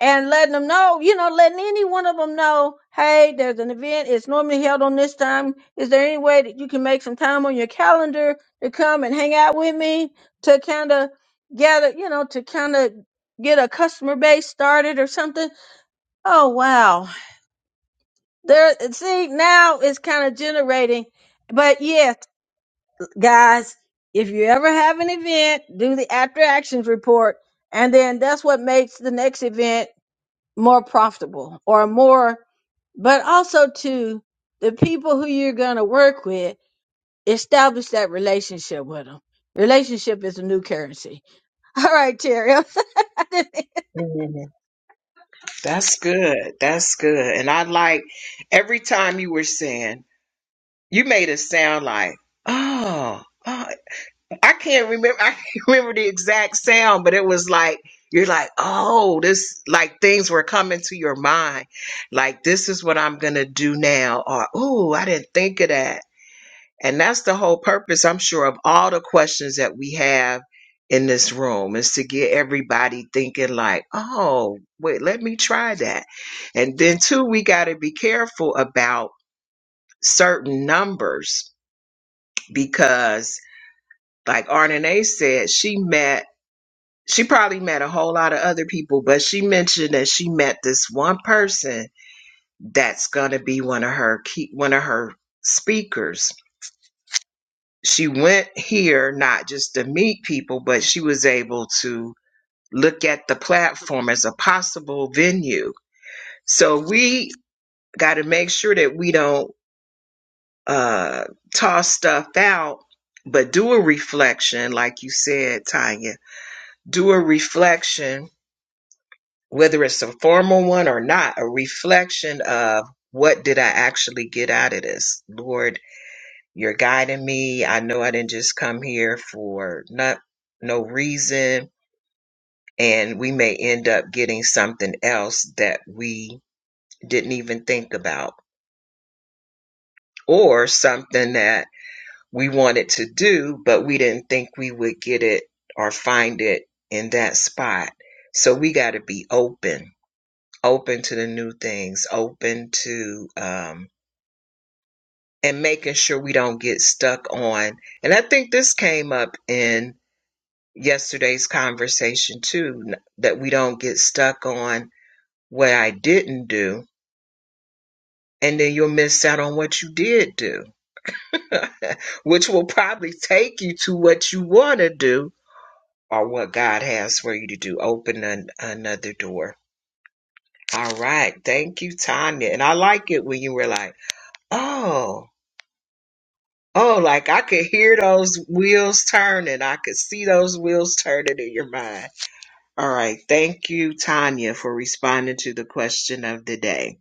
Speaker 4: and letting them know you know letting any one of them know hey there's an event it's normally held on this time is there any way that you can make some time on your calendar to come and hang out with me to kind of gather you know to kind of get a customer base started or something. Oh wow. There see now it's kind of generating. But yes, guys, if you ever have an event, do the after actions report and then that's what makes the next event more profitable or more but also to the people who you're going to work with, establish that relationship with them. Relationship is a new currency. All right, Terry.
Speaker 2: Mm, That's good. That's good. And I like every time you were saying, you made it sound like, oh, oh, I can't remember. I can't remember the exact sound, but it was like, you're like, oh, this, like things were coming to your mind. Like, this is what I'm going to do now. Or, oh, I didn't think of that and that's the whole purpose, I'm sure, of all the questions that we have in this room is to get everybody thinking like, oh, wait, let me try that. And then too, we got to be careful about certain numbers because like RNA said, she met, she probably met a whole lot of other people, but she mentioned that she met this one person that's going to be one of her key, one of her speakers she went here not just to meet people, but she was able to look at the platform as a possible venue. So we got to make sure that we don't uh, toss stuff out, but do a reflection, like you said, Tanya. Do a reflection, whether it's a formal one or not, a reflection of what did I actually get out of this, Lord? You're guiding me. I know I didn't just come here for not no reason. And we may end up getting something else that we didn't even think about, or something that we wanted to do, but we didn't think we would get it or find it in that spot. So we got to be open, open to the new things, open to, um, and making sure we don't get stuck on. And I think this came up in yesterday's conversation too n- that we don't get stuck on what I didn't do and then you'll miss out on what you did do which will probably take you to what you want to do or what God has for you to do open an, another door all right thank you Tanya and I like it when you were like oh oh like I could hear those wheels turning I could see those wheels turning in your mind All right. Thank you, Tanya, for responding to the question of the day.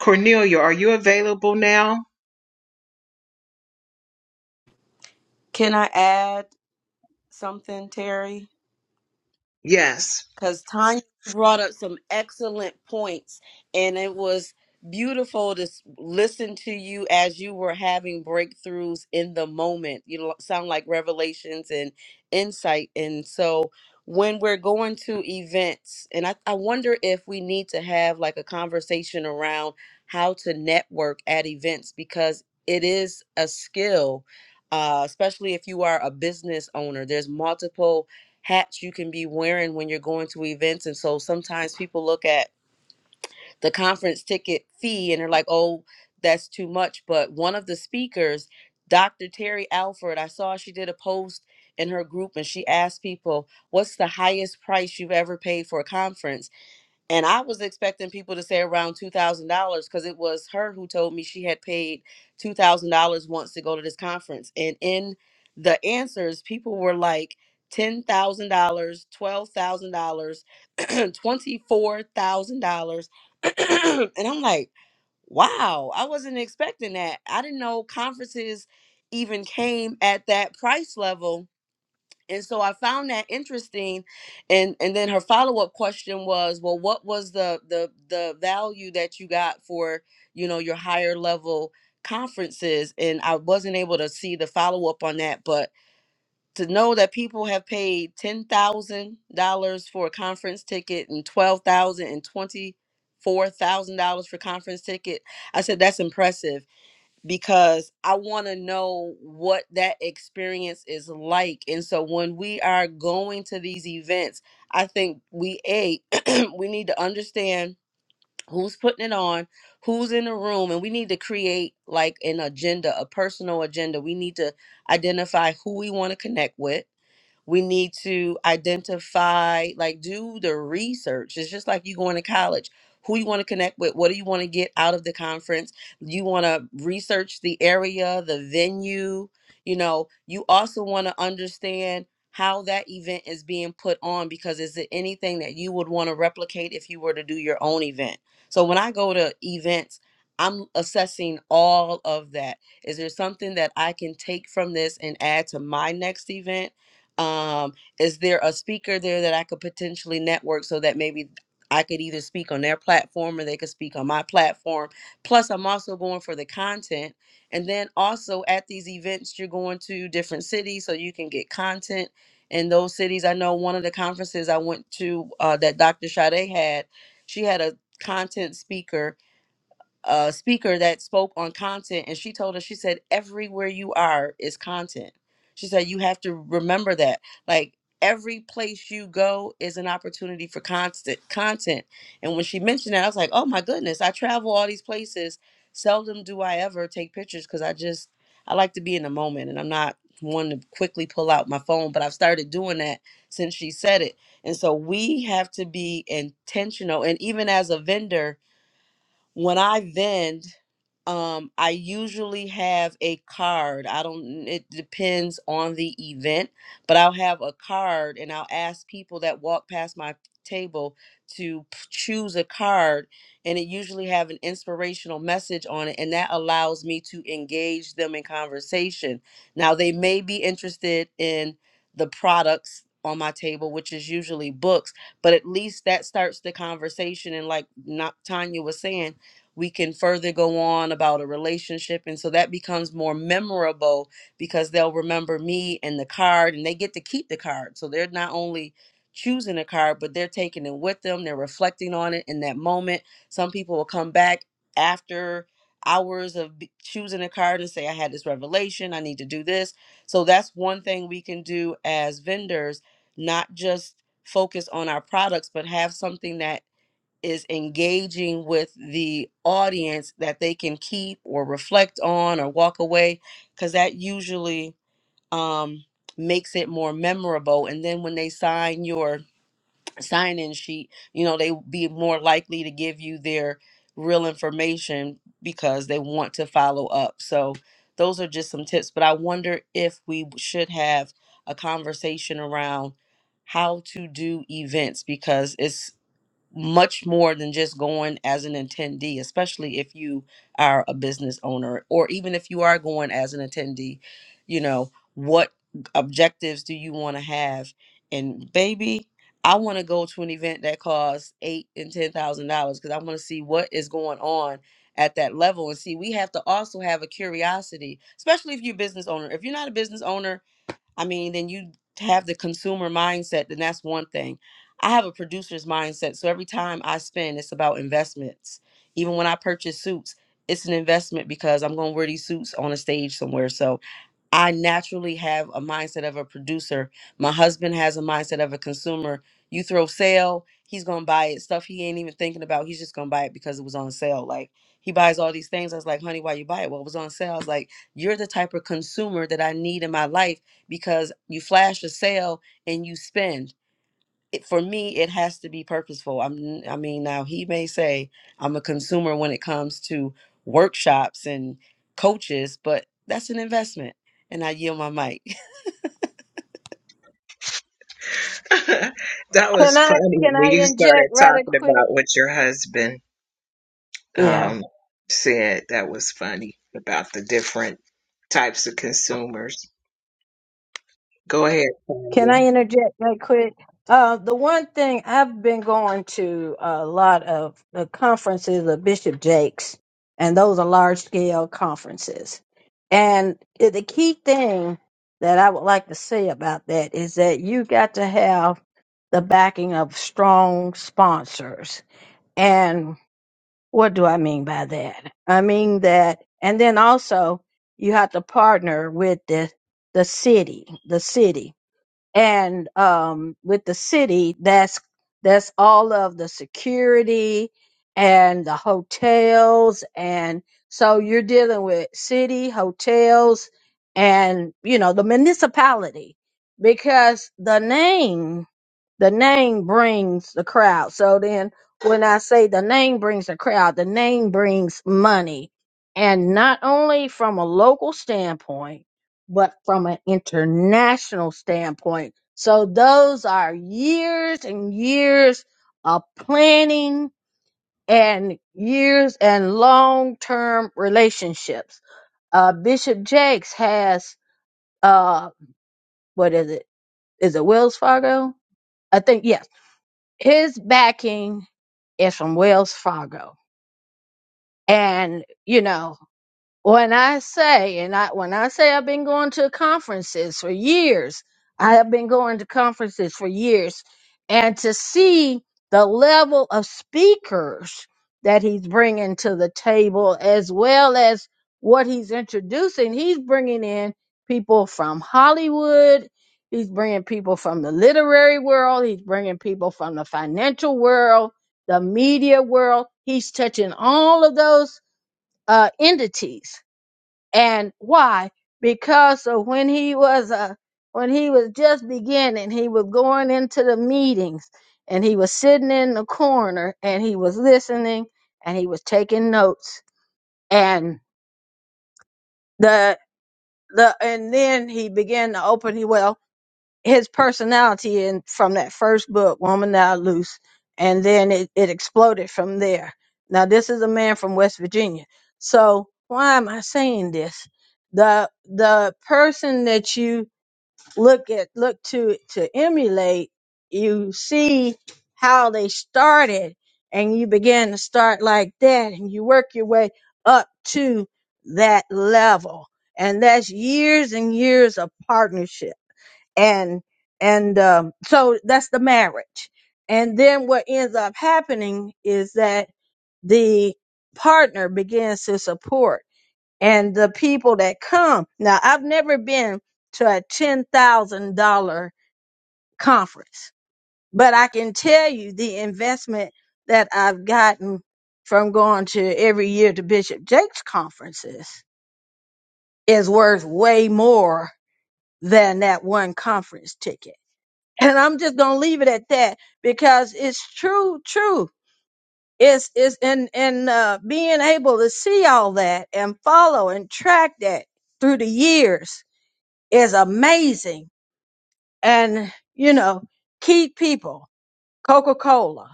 Speaker 2: Cornelia, are you available now?
Speaker 5: Can I add something, Terry?
Speaker 2: Yes.
Speaker 5: because Tanya brought up some excellent points, and it was beautiful to s- listen to you as you were having breakthroughs in the moment. You lo- sound like revelations and insight. And so, when we're going to events, and I, I wonder if we need to have like a conversation around how to network at events because it is a skill. Uh, especially if you are a business owner, there's multiple hats you can be wearing when you're going to events. And so sometimes people look at the conference ticket fee and they're like, oh, that's too much. But one of the speakers, Dr. Terry Alford, I saw she did a post in her group and she asked people, what's the highest price you've ever paid for a conference? And I was expecting people to say around two thousand dollars because it was her who told me she had paid two thousand dollars once to go to this conference. And in the answers, people were like ten thousand dollars, twelve thousand dollars, twenty-four thousand dollars. And I'm like, wow, I wasn't expecting that. I didn't know conferences even came at that price level and so I found that interesting, and and then her follow up question was, well, what was the the the value that you got for you know your higher level conferences? And I wasn't able to see the follow up on that, but to know that people have paid ten thousand dollars for a conference ticket and twelve thousand and twenty four thousand dollars for conference ticket, I said that's impressive because I want to know what that experience is like. And so when we are going to these events, I think we a we need to understand who's putting it on, who's in the room, and we need to create like an agenda, a personal agenda. We need to identify who we want to connect with we need to identify, like, do the research. It's just like you going to college. Who you want to connect with? What do you want to get out of the conference? You want to research the area, the venue. You know, you also want to understand how that event is being put on because is it anything that you would want to replicate if you were to do your own event? So when I go to events, I'm assessing all of that. Is there something that I can take from this and add to my next event? um is there a speaker there that i could potentially network so that maybe i could either speak on their platform or they could speak on my platform plus i'm also going for the content and then also at these events you're going to different cities so you can get content in those cities i know one of the conferences i went to uh, that dr Sade had she had a content speaker a speaker that spoke on content and she told us she said everywhere you are is content she said you have to remember that like every place you go is an opportunity for constant content and when she mentioned that i was like oh my goodness i travel all these places seldom do i ever take pictures because i just i like to be in the moment and i'm not one to quickly pull out my phone but i've started doing that since she said it and so we have to be intentional and even as a vendor when I vend, um, I usually have a card. I don't, it depends on the event, but I'll have a card and I'll ask people that walk past my table to p- choose a card and it usually have an inspirational message on it and that allows me to engage them in conversation. Now they may be interested in the products on my table, which is usually books, but at least that starts the conversation and like not Tanya was saying, we can further go on about a relationship and so that becomes more memorable because they'll remember me and the card and they get to keep the card so they're not only choosing a card but they're taking it with them they're reflecting on it in that moment some people will come back after hours of b- choosing a card and say i had this revelation i need to do this so that's one thing we can do as vendors not just focus on our products but have something that is engaging with the audience that they can keep or reflect on or walk away because that usually um, makes it more memorable and then when they sign your sign-in sheet you know they be more likely to give you their real information because they want to follow up so those are just some tips but i wonder if we should have a conversation around how to do events because it's much more than just going as an attendee, especially if you are a business owner or even if you are going as an attendee, you know, what objectives do you want to have? And baby, I want to go to an event that costs eight and ten thousand dollars because I want to see what is going on at that level. And see, we have to also have a curiosity, especially if you're a business owner. If you're not a business owner, I mean, then you have the consumer mindset, then that's one thing. I have a producer's mindset. So every time I spend, it's about investments. Even when I purchase suits, it's an investment because I'm going to wear these suits on a stage somewhere. So I naturally have a mindset of a producer. My husband has a mindset of a consumer. You throw sale, he's gonna buy it. Stuff he ain't even thinking about. He's just gonna buy it because it was on sale. Like he buys all these things. I was like, honey, why you buy it? Well, it was on sale. I was like, you're the type of consumer that I need in my life because you flash a sale and you spend it, for me it has to be purposeful i'm i mean now he may say i'm a consumer when it comes to workshops and coaches but that's an investment and i yield my mic
Speaker 2: that
Speaker 4: Can
Speaker 2: was
Speaker 4: I
Speaker 2: funny
Speaker 4: can I
Speaker 2: when you
Speaker 4: inject
Speaker 2: started
Speaker 4: rather
Speaker 2: talking
Speaker 4: quick?
Speaker 2: about what your husband
Speaker 4: Yeah.
Speaker 2: um, said. That was funny about the different types of consumers. Go ahead, Tanya.
Speaker 4: Can I interject right quick? Uh, the one thing I've been going to a lot of the conferences of Bishop Jakes, and those are large scale conferences. And i- the key thing that I would like to say about that is that you got to have the backing of strong sponsors. And what do I mean by that? I mean that, and then also you have to partner with the the city, the city and um, with the city, that's that's all of the security and the hotels, and so you're dealing with city hotels and you know the municipality because the name the name brings the crowd. So then when I say the name brings the crowd, the name brings money. And not only from a local standpoint, but from an international standpoint. So those are years and years of planning and years and long term relationships. Uh, Bishop Jakes has, uh, what is it? Is it Wells Fargo? I think, yes his backing is from Wells Fargo. And, you know, when I say, and I when I say I've been going to conferences for years, I have been going to conferences for years, and to see the level of speakers that he's bringing to the table, as well as what he's introducing, he's bringing in people from Hollywood. He's bringing people from the literary world. He's bringing people from the financial world, the media world. He's touching all of those uh, entities and why? Because of when he was uh, when he was just beginning, he was going into the meetings and he was sitting in the corner and he was listening and he was taking notes. And the the and then he began to open he well his personality in from that first book, Woman Now Loose, and then it, it exploded from there. Now this is a man from West Virginia. So why am I saying this? The the person that you look at look to to emulate, you see how they started and you begin to start like that and you work your way up to that level. And that's years and years of partnership and and um, so that's the marriage and then what ends up happening is that the partner begins to support and the people that come now i've never been to a $10000 conference but i can tell you the investment that i've gotten from going to every year to bishop jake's conferences is worth way more than that one conference ticket and I'm just gonna leave it at that because it's true, true. It's it's in in uh, being able to see all that and follow and track that through the years is amazing. And you know, key people, Coca Cola,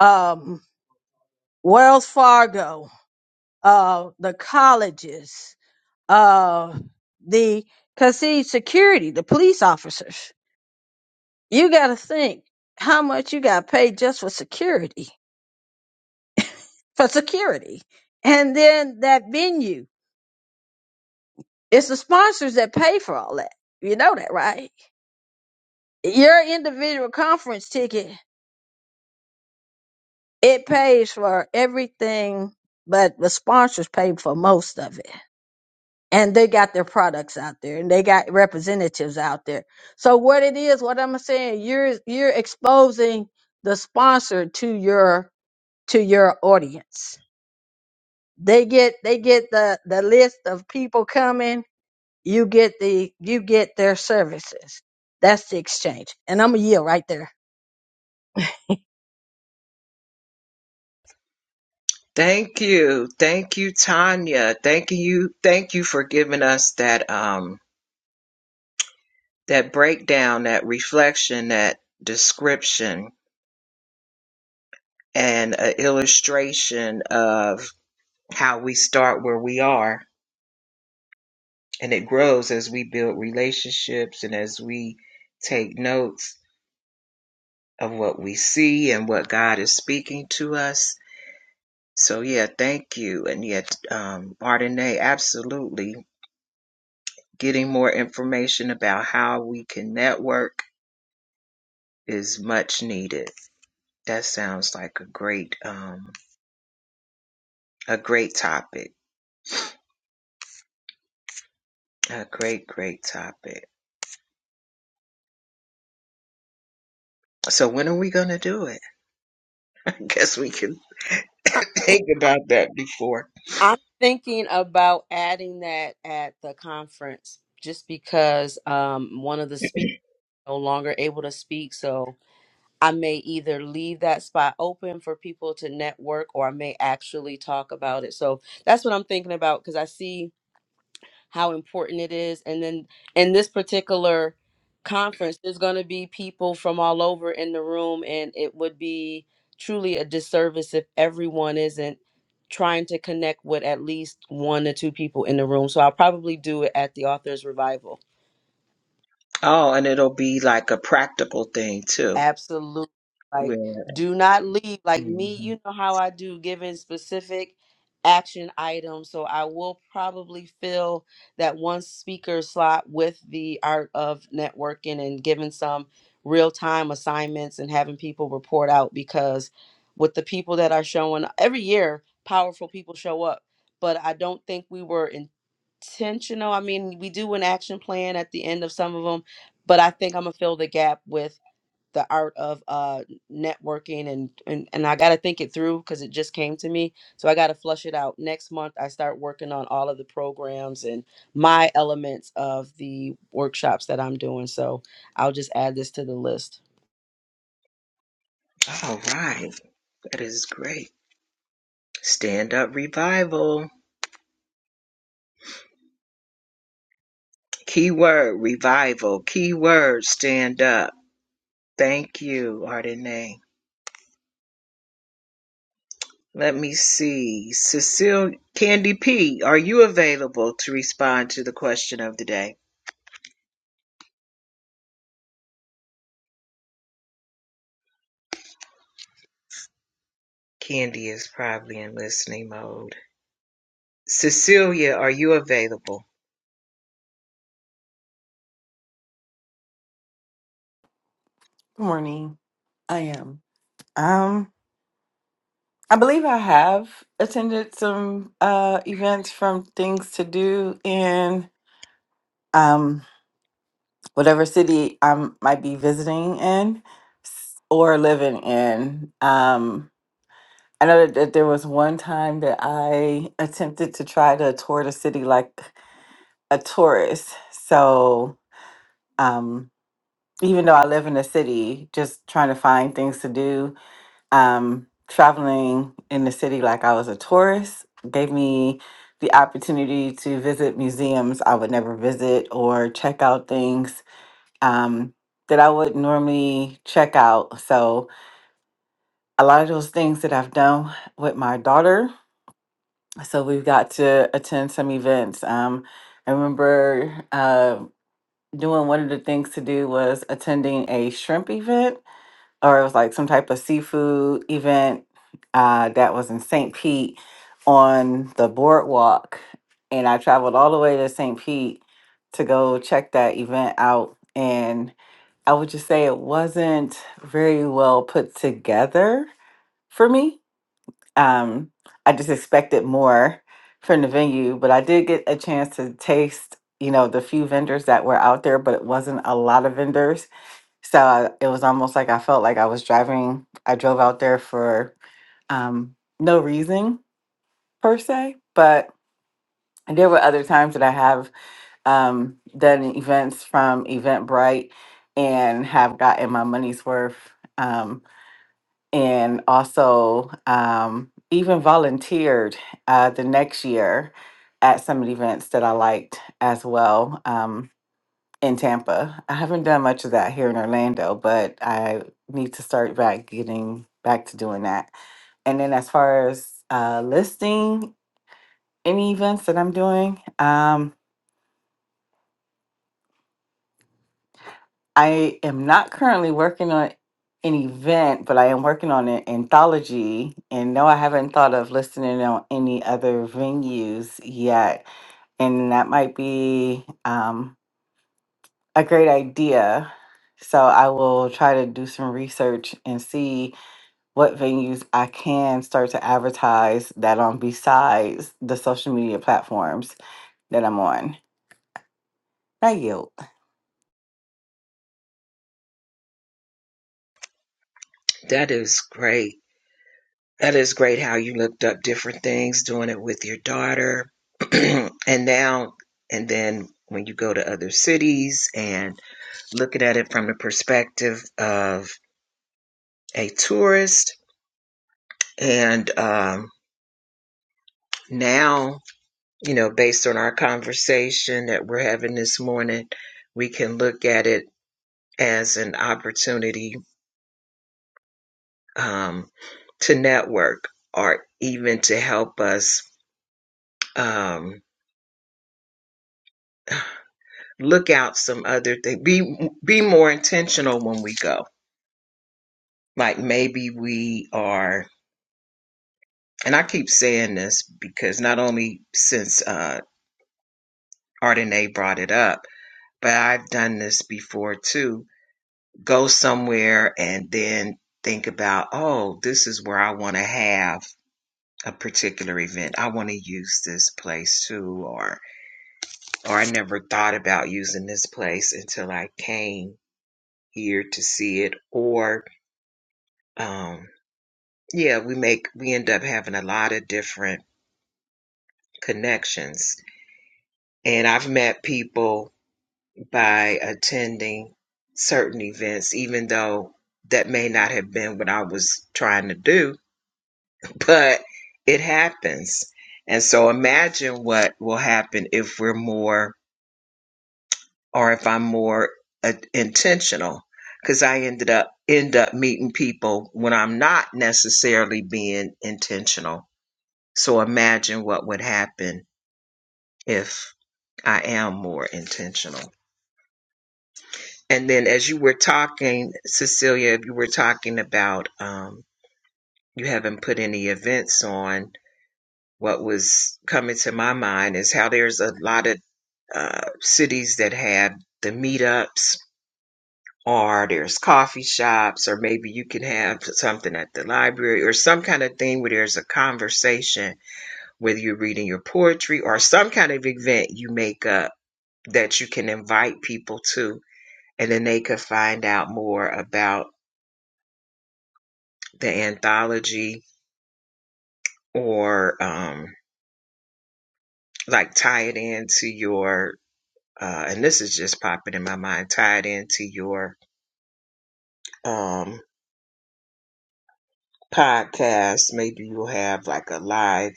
Speaker 4: um, Wells Fargo, uh, the colleges, uh, the cause see security, the police officers. You got to think how much you got paid just for security for security. And then that venue, it's the sponsors that pay for all that. You know that, right? Your individual conference ticket, it pays for everything, but the sponsors pay for most of it. And they got their products out there and they got representatives out there. So what it is, what I'm saying, you're you're exposing the sponsor to your to your audience. They get they get the the list of people coming you get the you get their services. That's the exchange. And I'm a yield right there.
Speaker 2: Thank you. Thank you, Tanya. Thank you. Thank you for giving us that um that breakdown, that reflection, that description and an illustration of how we start where we are and it grows as we build relationships and as we take notes of what we see and what God is speaking to us. So yeah, thank you. And yet um Ardenae, absolutely getting more information about how we can network is much needed. That sounds like a great um a great topic. A great, great topic. So when are we gonna do it? I Guess we can
Speaker 5: I-
Speaker 2: think about that before.
Speaker 5: i'm thinking about adding that at the conference just because um one of the speakers no longer able to speak so i may either leave that spot open for people to network or i may actually talk about it so that's what i'm thinking about because i see how important it is. And then in this particular conference, there's going to be people from all over in the room, and it would be truly a disservice if everyone isn't trying to connect with at least one or two people in the room. So I'll probably do it at the Authors Revival
Speaker 2: Oh, and it'll be like a practical thing too.
Speaker 5: Absolutely. Like,
Speaker 2: Where
Speaker 5: do not leave. Like
Speaker 2: Mhm.
Speaker 5: me, you know how I do giving specific action items. So I will probably fill that one speaker slot with the art of networking and giving some real time assignments and having people report out because with the people that are showing every year, powerful people show up. But I don't think we were intentional. I mean, we do an action plan at the end of some of them, but I think I'm gonna fill the gap with the art of uh networking and and, and i got to think it through because it just came to me so i got to flush it out next month i start working on all of the programs and my elements of the workshops that i'm doing so i'll just add this to the list
Speaker 2: all right. That is great. Stand up revival. Keyword revival. Keyword stand up. Thank you, Ardenay. Let me see. Cecile Candy P, are you available to respond to the question of the day? Candy is probably in listening mode. Cecilia, are you available?
Speaker 6: Good morning. I am. Um, I believe I have attended some uh events from things to do in um whatever city I might be visiting in s- or living in. Um, I know that, that there was one time that I attempted to try to tour the city like a tourist. So, um, even though I live in a city, just trying to find things to do um, traveling in the city like I was a tourist gave me the opportunity to visit museums I would never visit or check out things um, that I would normally check out. So, a lot of those things that I've done with my daughter. So, we've got to attend some events. Um, I remember uh, doing one of the things to do was attending a shrimp event or it was like some type of seafood event uh, that was in St. Pete on the boardwalk. And I traveled all the way to St. Pete to go check that event out. And I would just say it wasn't very well put together for me. Um, I just expected more from the venue, but I did get a chance to taste, you know, the few vendors that were out there, but it wasn't a lot of vendors so I, it was almost like I felt like I was driving. I drove out there for um, no reason per se, but there were other times that I have um, done events from Eventbrite and have gotten my money's worth. Um, and also um, even volunteered uh, the next year at some events that I liked as well. um, in Tampa. I haven't done much of that here in Orlando, but I need to start back getting back to doing that. And then as far as uh, listing any events that I'm doing, um, I am not currently working on an event, but I am working on an anthology. And no, I haven't thought of listing it on any other venues yet. And that might be um, a great idea. So I will try to do some research and see what venues I can start to advertise that on besides the social media platforms that I'm on. I yield.
Speaker 2: That is great. That is great how you looked up different things, doing it with your daughter. and now, and then when you go to other cities and looking at it from the perspective of a tourist, and um, now you know, based on our conversation that we're having this morning, we can look at it as an opportunity um, to network or even to help us um, look out some other things. Be be more intentional when we go. Like maybe we are, and I keep saying this because not only since uh, Ardenae brought it up, but I've done this before too go somewhere and then think about, oh, this is where I want to have a particular event. I want to use this place too, or or I never thought about using this place until I came here to see it. Or um, yeah, we make we end up having a lot of different connections, and I've met people by attending certain events, even though that may not have been what I was trying to do but it happens. And so imagine what will happen if we're more, or if I'm more uh, intentional. Because I ended up end up meeting people when I'm not necessarily being intentional. So imagine what would happen if I am more intentional. And then, as you were talking, Cecilia, if you were talking about um, you haven't put any events on, What was coming to my mind is how there's a lot of uh, cities that have the meetups, or there's coffee shops, or maybe you can have something at the library, or some kind of thing where there's a conversation, whether you're reading your poetry or some kind of event you make up that you can invite people to, and then they could find out more about the anthology or um, like tie it into your Uh, and this is just popping in my mind, tied into your um, podcast. Maybe you'll have like a live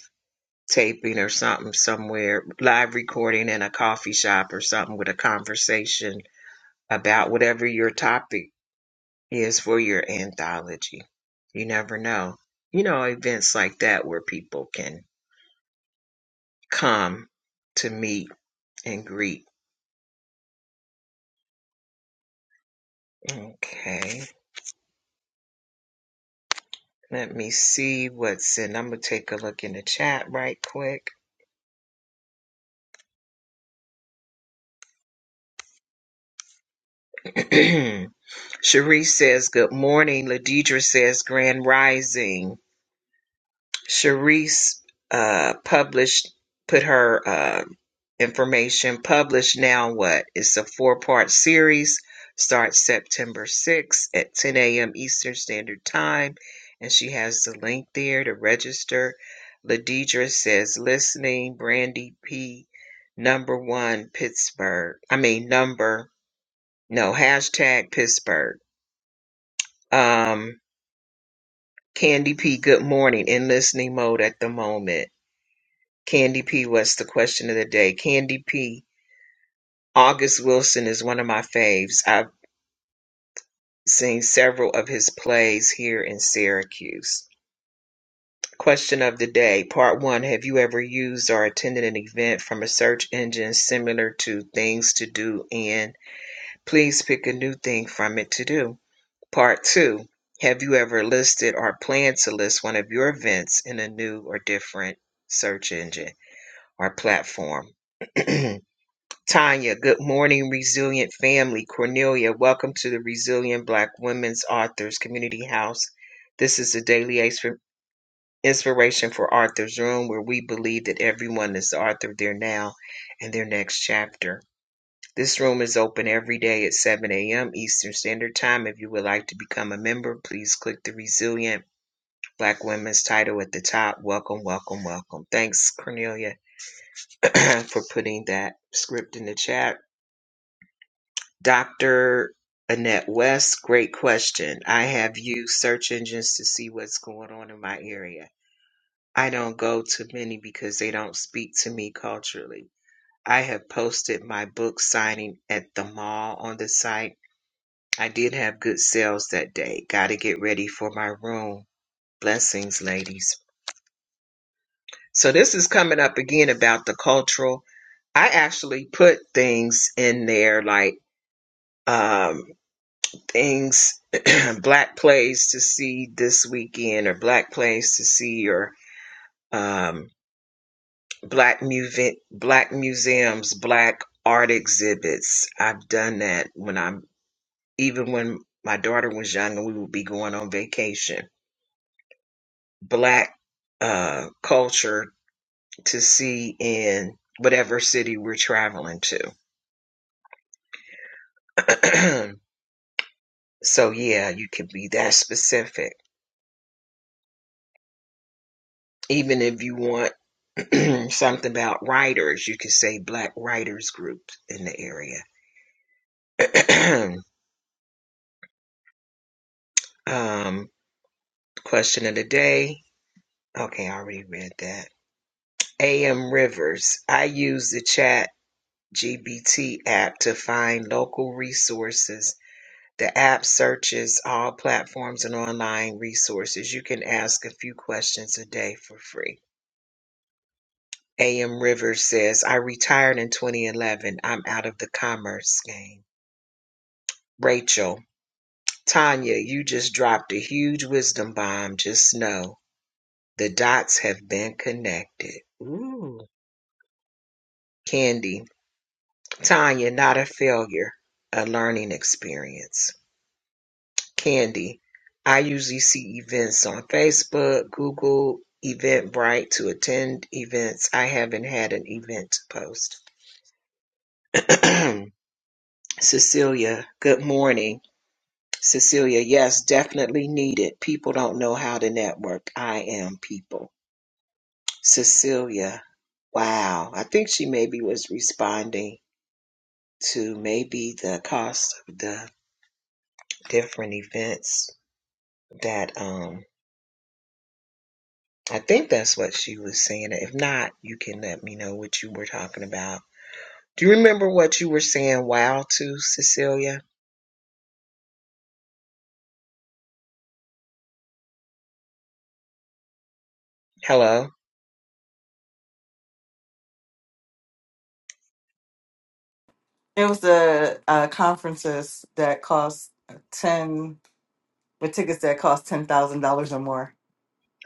Speaker 2: taping or something somewhere, live recording in a coffee shop or something with a conversation about whatever your topic is for your anthology. You never know. You know, events like that where people can come to meet and greet. Okay. Let me see what's in. I'm going to take a look in the chat right quick. Sharice says, Good morning. Ladidra says, Grand Rising. Sharice uh, published, put her uh, information published now. What? It's a four part series. Starts September 6th at 10 a.m. Eastern Standard Time. And she has the link there to register. Ladidra says, Listening, Brandy P. Number one, Pittsburgh. I mean, number, no, hashtag Pittsburgh. Um, Candy P, good morning. In listening mode at the moment. Candy P, what's the question of the day? Candy P, August Wilson is one of my faves. I've seen several of his plays here in Syracuse. Question of the day, part one Have you ever used or attended an event from a search engine similar to Things to Do? And please pick a new thing from it to do. Part two: Have you ever listed or plan to list one of your events in a new or different search engine or platform? Tanya, good morning, resilient family. Cornelia, welcome to the Resilient Black Women's Authors Community House. This is the daily inspiration for Arthur's Room, where we believe that everyone is the author of their now and their next chapter. This room is open every day at 7 a.m. Eastern Standard Time. If you would like to become a member, please click the Resilient Black Women's title at the top. Welcome, welcome, welcome. Thanks, Cornelia, for putting that script in the chat. Dr. Annette West, great question. I have used search engines to see what's going on in my area. I don't go to many because they don't speak to me culturally. I have posted my book signing at the mall on the site I did have good sales that day. Got to get ready for my room. Blessings, ladies. So this is coming up again about the cultural. I actually put things in there like um things black plays to see this weekend or black plays to see or um black mu- black museums, black art exhibits. I've done that when I'm even when my daughter was young and we would be going on vacation black uh, culture to see in whatever city we're traveling to. so, yeah, you could be that specific. Even if you want something about writers, you could say black writers group in the area. um, question of the day. Okay, I already read that. AM Rivers. I use the chat GBT app to find local resources The app searches all platforms and online resources. You can ask a few questions a day for free. AM Rivers says, I retired in 2011. I'm out of the commerce game. Rachel, Tanya, you just dropped a huge wisdom bomb. Just know the dots have been connected. Ooh. Candy, Tanya, not a failure, a learning experience. Candy. I usually see events on Facebook, Google, Eventbrite to attend events. I haven't had an event to post. Cecilia, good morning. Cecilia, yes, definitely needed. People don't know how to network. I am people. Cecilia, wow. I think she maybe was responding to maybe the cost of the different events that um. I think that's what she was saying. If not, you can let me know what you were talking about. Do you remember what you were saying wow to, Cecilia? Hello?
Speaker 6: It was the uh, conferences that cost ten with tickets that cost ten thousand dollars or more.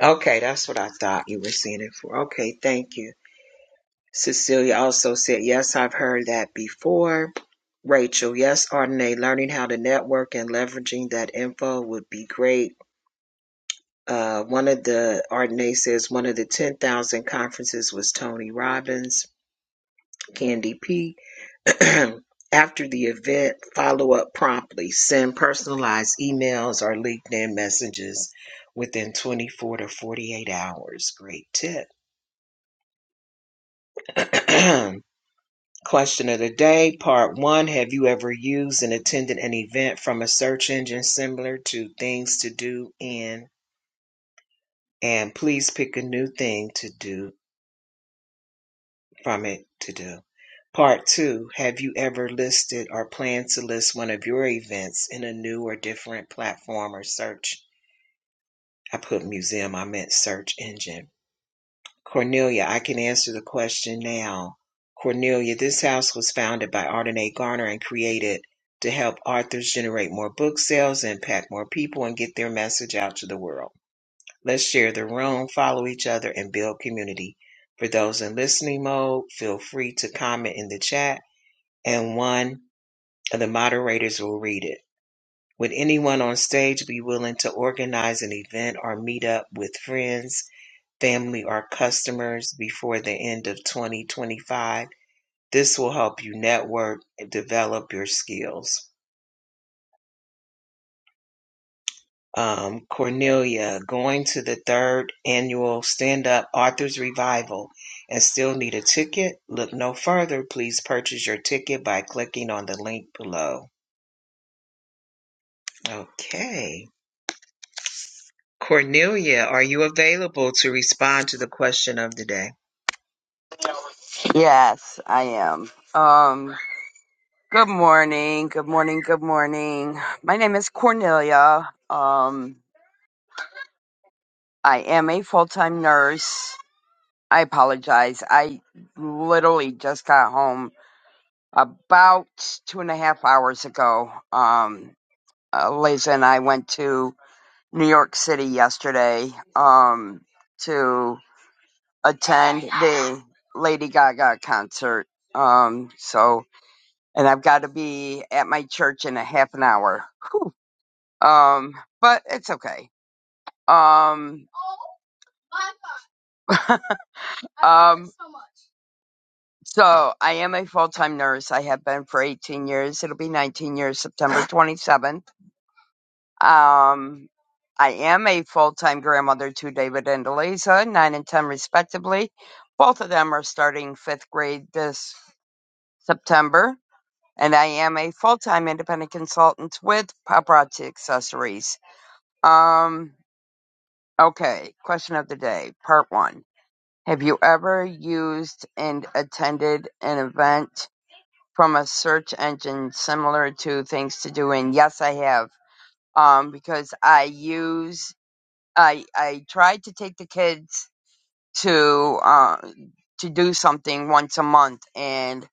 Speaker 2: Okay, that's what I thought you were saying it for. Okay, thank you. Cecilia also said, Yes, I've heard that before. Rachel, yes, Ardenae, learning how to network and leveraging that info would be great. Uh, one of the, Ardenae says, one of the 10,000 conferences was Tony Robbins, Candy P. After the event, follow up promptly. Send personalized emails or LinkedIn messages within 24 to 48 hours. Great tip. Question of the day, part one. Have you ever used and attended an event from a search engine similar to things to do in? And please pick a new thing to do From it to do. Part two, have you ever listed or plan to list one of your events in a new or different platform or search? I put museum, I meant search engine. Cornelia, I can answer the question now. Cornelia, this house was founded by Arden A. Garner and created to help authors generate more book sales, impact more people, and get their message out to the world. Let's share the room, follow each other, and build community. For those in listening mode, feel free to comment in the chat and one of the moderators will read it. Would anyone on stage be willing to organize an event or meet up with friends, family, or customers before the end of 2025? This will help you network and develop your skills. Um, Cornelia, going to the third annual Stand Up Authors Revival and still need a ticket? Look no further. Please purchase your ticket by clicking on the link below. Okay. Cornelia, are you available to respond to the question of the day?
Speaker 7: Yes, I am. Um, good morning. Good morning. Good morning. My name is Cornelia. Um, I am a full-time nurse. I apologize. I literally just got home about two and a half hours ago. Um, uh, Liz and I went to New York City yesterday, um, to attend the Lady Gaga concert. Um, so, and I've got to be at my church in a half an hour. Whew. Um, but it's okay. Um, um, so I am a full-time nurse. I have been for 18 years. It'll be 19 years, September 27th. Um, I am a full-time grandmother to David and Eliza, nine and 10 respectively. Both of them are starting fifth grade this September. And I am a full-time independent consultant with Paparazzi Accessories. Um, Okay, question of the day, part one. Have you ever used and attended an event from a search engine similar to Things to Do? And yes, I have. Um, because I use, I I tried to take the kids to uh, to do something once a month, and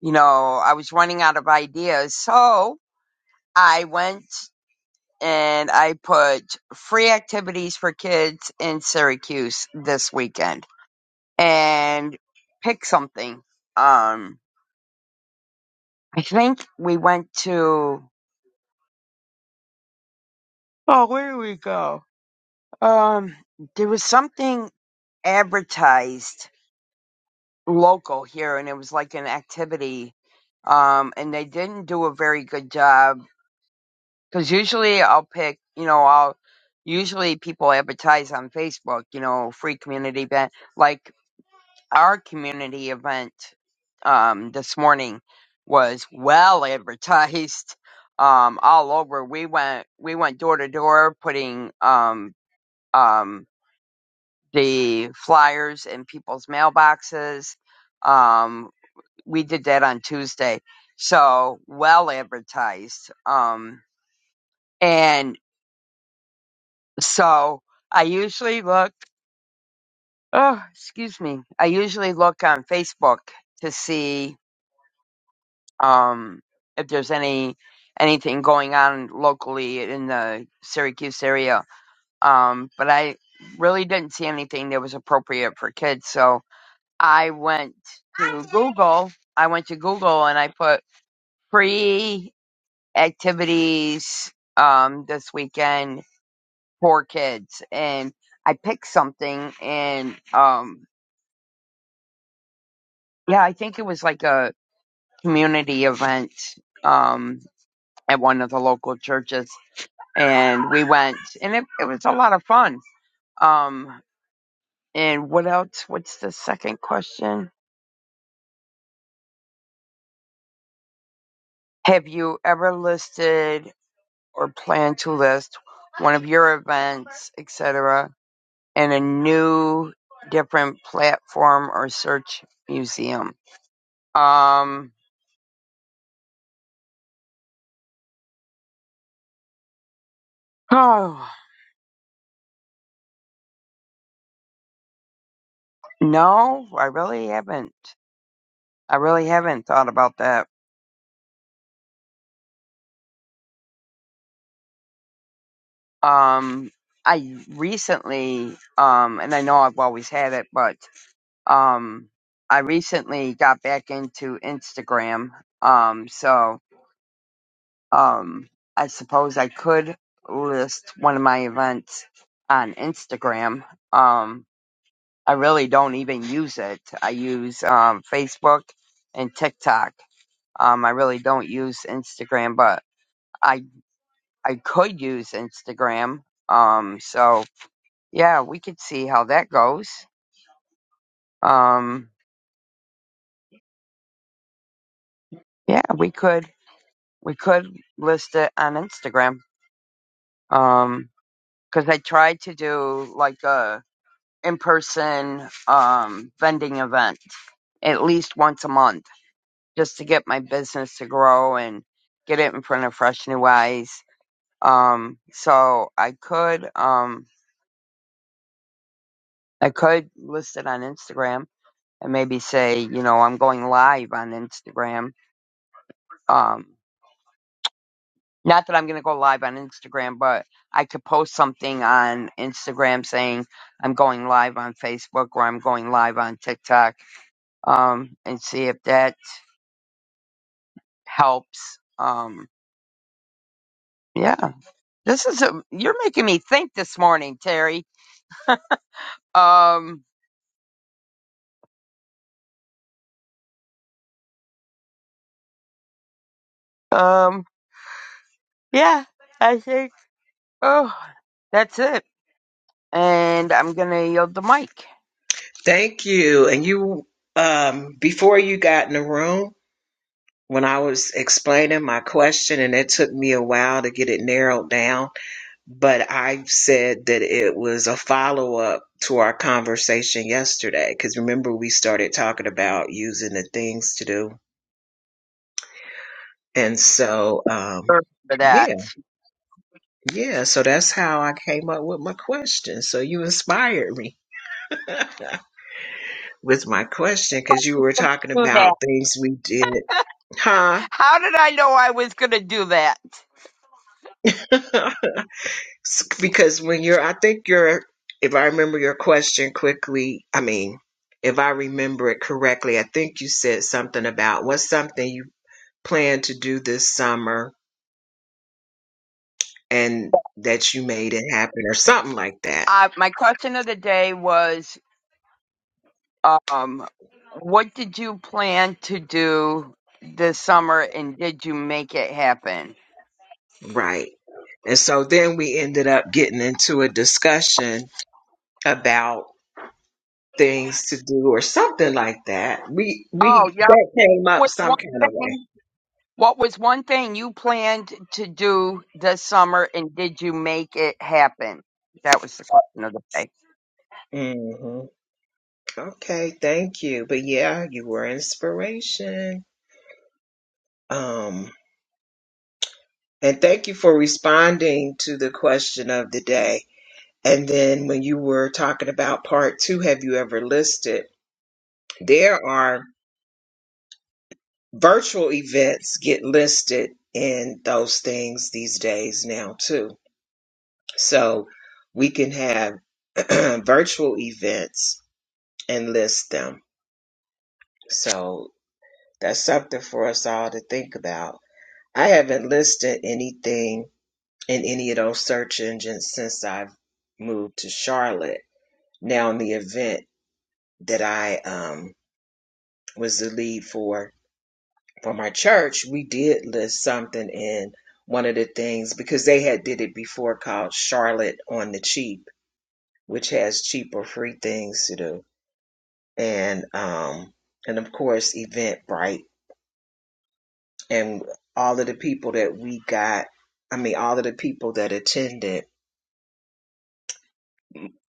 Speaker 7: you know I was running out of ideas, so I went and I put free activities for kids in Syracuse this weekend and pick something. Um, I think we went to, oh, where did we go? Um, there was something advertised local here and it was like an activity. Um, and they didn't do a very good job because usually I'll pick, you know, I'll, usually people advertise on Facebook, you know, free community event. Like our community event um, this morning was well advertised um, all over. We went we went door to door putting um, um, the flyers in people's mailboxes. Um, we did that on Tuesday, so well advertised. Um, and so I usually look. Oh, excuse me. I usually look on Facebook to see um, if there's any anything going on locally in the Syracuse area. Um, but I really didn't see anything that was appropriate for kids, so I went to Google. I went to Google and I put free activities um, this weekend for kids, and I picked something, and um, yeah, I think it was like a community event um, at one of the local churches and we went and it, it was a lot of fun um and what else what's the second question have you ever listed or plan to list one of your events etc in a new different platform or search museum um oh no i really haven't i really haven't thought about that um i recently um and i know i've always had it but um i recently got back into instagram um so um i suppose i could list one of my events on instagram um i really don't even use it i use um facebook and tiktok um i really don't use instagram but i i could use instagram um so yeah we could see how that goes um yeah we could we could list it on Instagram. Um, cause I tried to do like a in-person, um, vending event at least once a month just to get my business to grow and get it in front of fresh new eyes. Um, so I could, um, I could list it on Instagram and maybe say, you know, I'm going live on Instagram. Um, Not that I'm going to go live on Instagram, but I could post something on Instagram saying I'm going live on Facebook or I'm going live on TikTok um, and see if that helps. Um, yeah, this is a, you're making me think this morning, Terry. Um, um, yeah, I think, oh, that's it. And I'm going to yield the mic
Speaker 2: Thank you. And you, um, before you got in the room, when I was explaining my question, and it took me a while to get it narrowed down, but I said that it was a follow up to our conversation yesterday. Because remember, we started talking about using the things to do. And so, um,
Speaker 7: for
Speaker 2: yeah.
Speaker 7: that.
Speaker 2: Yeah, so that's how I came up with my question. So you inspired me with my question because you were talking
Speaker 7: Do that.
Speaker 2: about things we did, huh?
Speaker 7: How did I know I was going to do that?
Speaker 2: S- because when you're, I think you're, if I remember your question quickly, I mean, if I remember it correctly, I think you said something about what's something you plan to do this summer and that you made it happen or something like that.
Speaker 7: Uh, my question of the day was Um, what did you plan to do this summer, and did you make it happen?
Speaker 2: Right. And so then we ended up getting into a discussion about things to do or something like that. We we
Speaker 7: Oh, yeah.
Speaker 2: that came up
Speaker 7: What one
Speaker 2: some kind of
Speaker 7: thing? What was one thing you planned to do this summer, and did you make it happen? That was the question of the day.
Speaker 2: way. hmm Okay, thank you. But yeah, you were inspiration. Um, and thank you for responding to the question of the day. And then when you were talking about part two, have you ever listed? There are virtual events get listed in those things these days now too. So we can have virtual events And list them. So that's something for us all to think about. I haven't listed anything in any of those search engines since I've moved to Charlotte. Now, in the event that I um, was the lead for for my church, we did list something in one of the things because they had did it before called Charlotte on the Cheap, which has cheap or free things to do, and um, and of course Eventbrite and all of the people that we got i mean all of the people that attended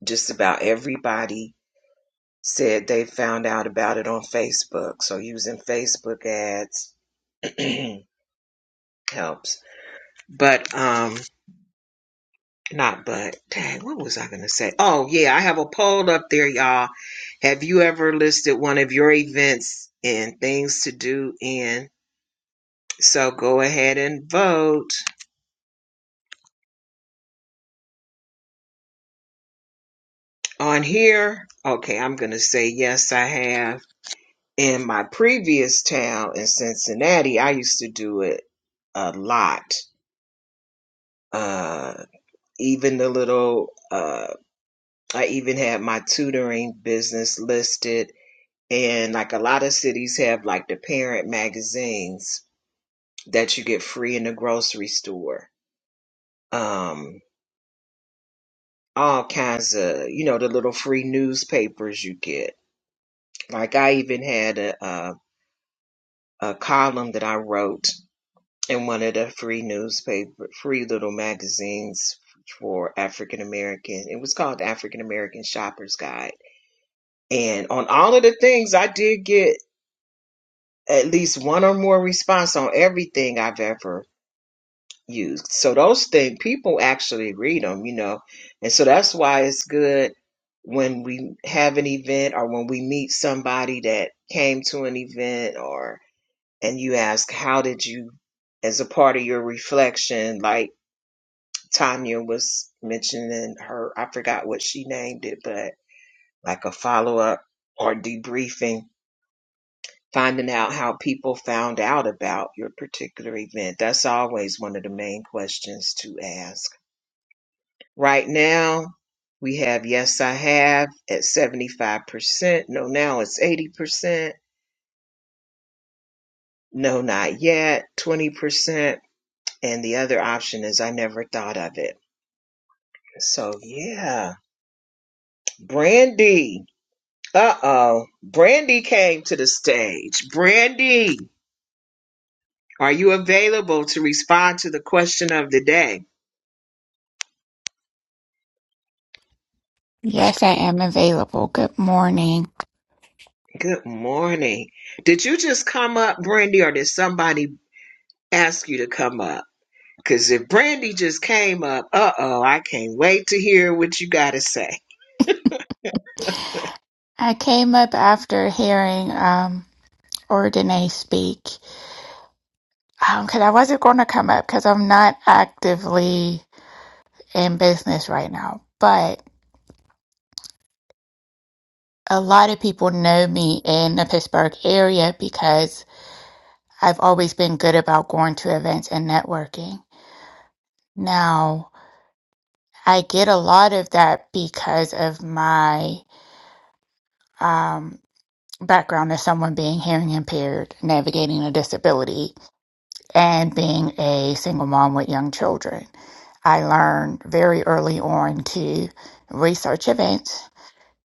Speaker 2: just about everybody said they found out about it on facebook so using facebook ads helps but um not but dang what was i gonna say oh yeah i have a poll up there y'all have you ever listed one of your events and things to do in so go ahead and vote on here okay i'm gonna say yes i have in my previous town in Cincinnati, I used to do it a lot. Uh, even the little, uh, I even had my tutoring business listed. And like a lot of cities have like the parent magazines that you get free in the grocery store. Um, all kinds of, you know, the little free newspapers you get. Like I even had a, a, a column that I wrote and one of the free newspaper, free little magazines for African American. It was called the African American Shoppers Guide. And on all of the things, I did get at least one or more response on everything I've ever used. So those things, people actually read them, you know. And so that's why it's good when we have an event or when we meet somebody that came to an event or and you ask how did you as a part of your reflection like Tanya was mentioning her, I forgot what she named it, but like a follow up or debriefing, finding out how people found out about your particular event. That's always one of the main questions to ask. Right now, we have yes, I have at 75%. No, now it's 80%. No, not yet, 20%. And the other option is I never thought of it. So, yeah, Brandy. Uh oh. Brandy came to the stage. Brandy, are you available to respond to the question of the day?
Speaker 8: Yes, I am available. Good morning.
Speaker 2: Good morning. Did you just come up, Brandy, or did somebody ask you to come up? Because if Brandy just came up, uh oh, I can't wait to hear what you got to say.
Speaker 8: I came up after hearing um, Ordine speak because I wasn't going to come up because I'm not actively in business right now. But a lot of people know me in the Pittsburgh area because I've always been good about going to events and networking. Now, I get a lot of that because of my um, background as someone being hearing impaired, navigating a disability and being a single mom with young children. I learned very early on to research events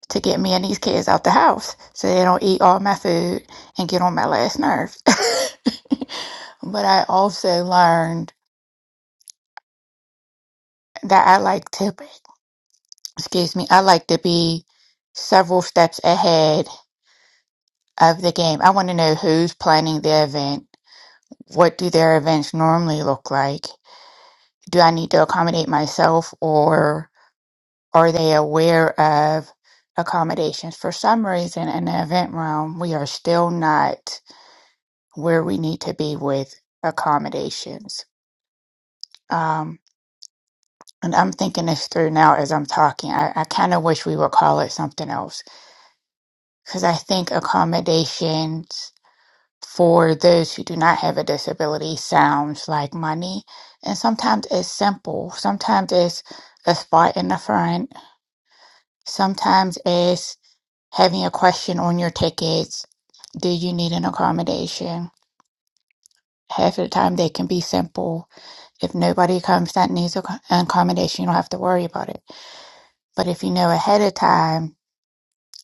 Speaker 8: to get me and these kids out the house so they don't eat all my food and get on my last nerves. but I also learned that I like to, excuse me, I like to be several steps ahead of the game. I want to know who's planning the event, what do their events normally look like? Do I need to accommodate myself or Are they aware of accommodations? For some reason, in the event realm, we are still not where we need to be with accommodations. Um, and I'm thinking this through now as I'm talking. I, I kind of wish we would call it something else because I think accommodations for those who do not have a disability sounds like money. And sometimes it's simple, sometimes it's a spot in the front, sometimes it's having a question on your tickets. Do you need an accommodation? Half of the time, they can be simple. If nobody comes that needs a- an accommodation, you don't have to worry about it. But if you know ahead of time,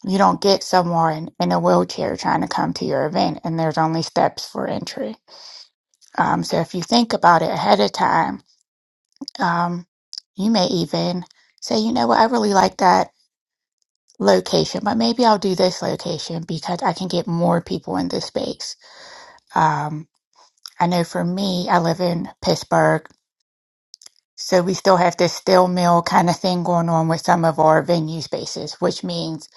Speaker 8: you don't get someone in a wheelchair trying to come to your event, and there's only steps for entry. Um, so if you think about it ahead of time, um, you may even say, you know what, I really like that location, but maybe I'll do this location because I can get more people in this space. Um, I know for me, I live in Pittsburgh, so we still have this steel mill kind of thing going on with some of our venue spaces, which means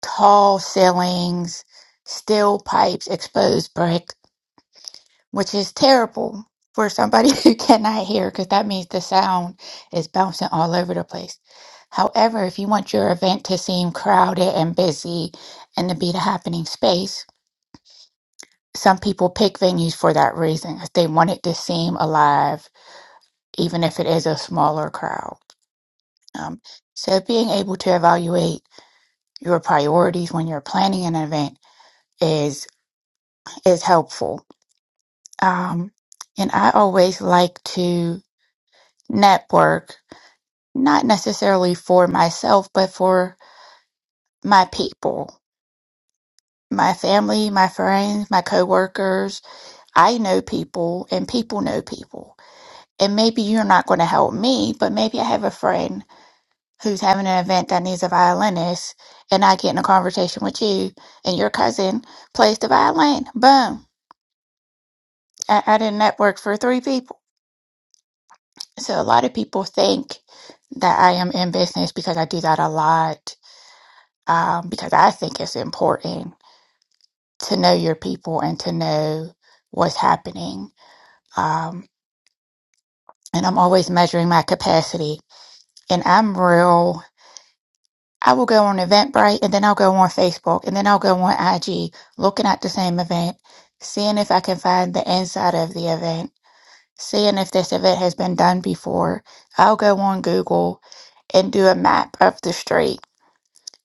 Speaker 8: tall ceilings, steel pipes, exposed brick, which is terrible for somebody who cannot hear because that means the sound is bouncing all over the place. However, if you want your event to seem crowded and busy and to be the happening space, some people pick venues for that reason. 'cause They want it to seem alive even if it is a smaller crowd. Um, so being able to evaluate your priorities when you're planning an event is is helpful. Um, and I always like to network, not necessarily for myself, but for my people, my family, my friends, my coworkers. I know people, and people know people. And maybe you're not going to help me, but maybe I have a friend who's having an event that needs a violinist and I get in a conversation with you and your cousin plays the violin. Boom. I, I did network for three people. So a lot of people think that I am in business because I do that a lot um, because I think it's important to know your people and to know what's happening. Um, and I'm always measuring my capacity. And I'm real. I will go on Eventbrite and then I'll go on Facebook and then I'll go on IG looking at the same event, seeing if I can find the inside of the event, seeing if this event has been done before. I'll go on Google and do a map of the street.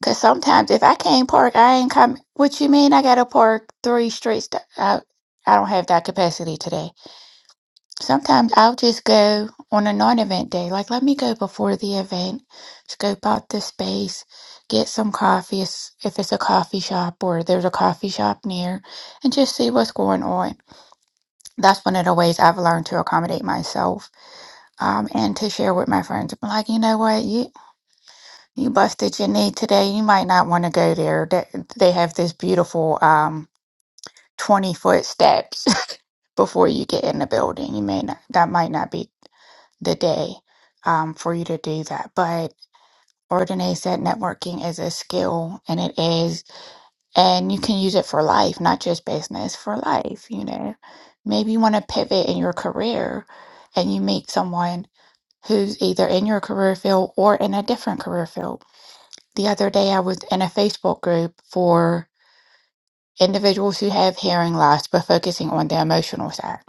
Speaker 8: Cause sometimes if I can't park, I ain't coming. What you mean? I gotta park three streets. th- I, I don't have that capacity today. Sometimes I'll just go on a non-event day. Like, let me go before the event, scope out the space, get some coffee s- if it's a coffee shop or there's a coffee shop near, and just see what's going on. That's one of the ways I've learned to accommodate myself, um, and to share with my friends. I'm like, you know what, you you busted your knee today. You might not want to go there. They, they have this beautiful um twenty foot steps before you get in the building. You may not. That might not be the day um, for you to do that. But Ordine said networking is a skill and it is, and you can use it for life, not just business, for life. You know, maybe you want to pivot in your career and you meet someone who's either in your career field or in a different career field. The other day, I was in a Facebook group for individuals who have hearing loss but focusing on the emotional side.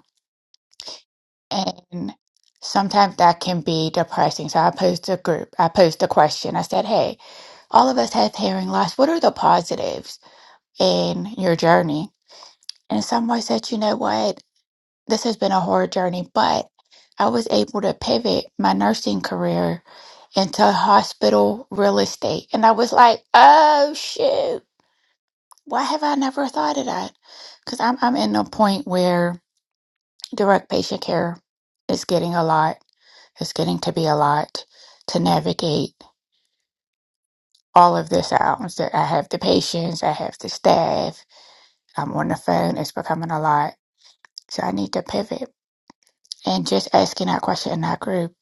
Speaker 8: And sometimes that can be depressing. So I posed a group, I posed a question. I said, Hey, all of us have hearing loss. What are the positives in your journey? And someone said, You know what? This has been a hard journey, but I was able to pivot my nursing career into hospital real estate. And I was like, Oh, shoot. Why have I never thought of that? Because I'm, I'm in a point where direct patient care is getting a lot. It's getting to be a lot to navigate all of this out. So I have the patients, I have the staff, I'm on the phone, it's becoming a lot. So I need to pivot. And just asking that question in that group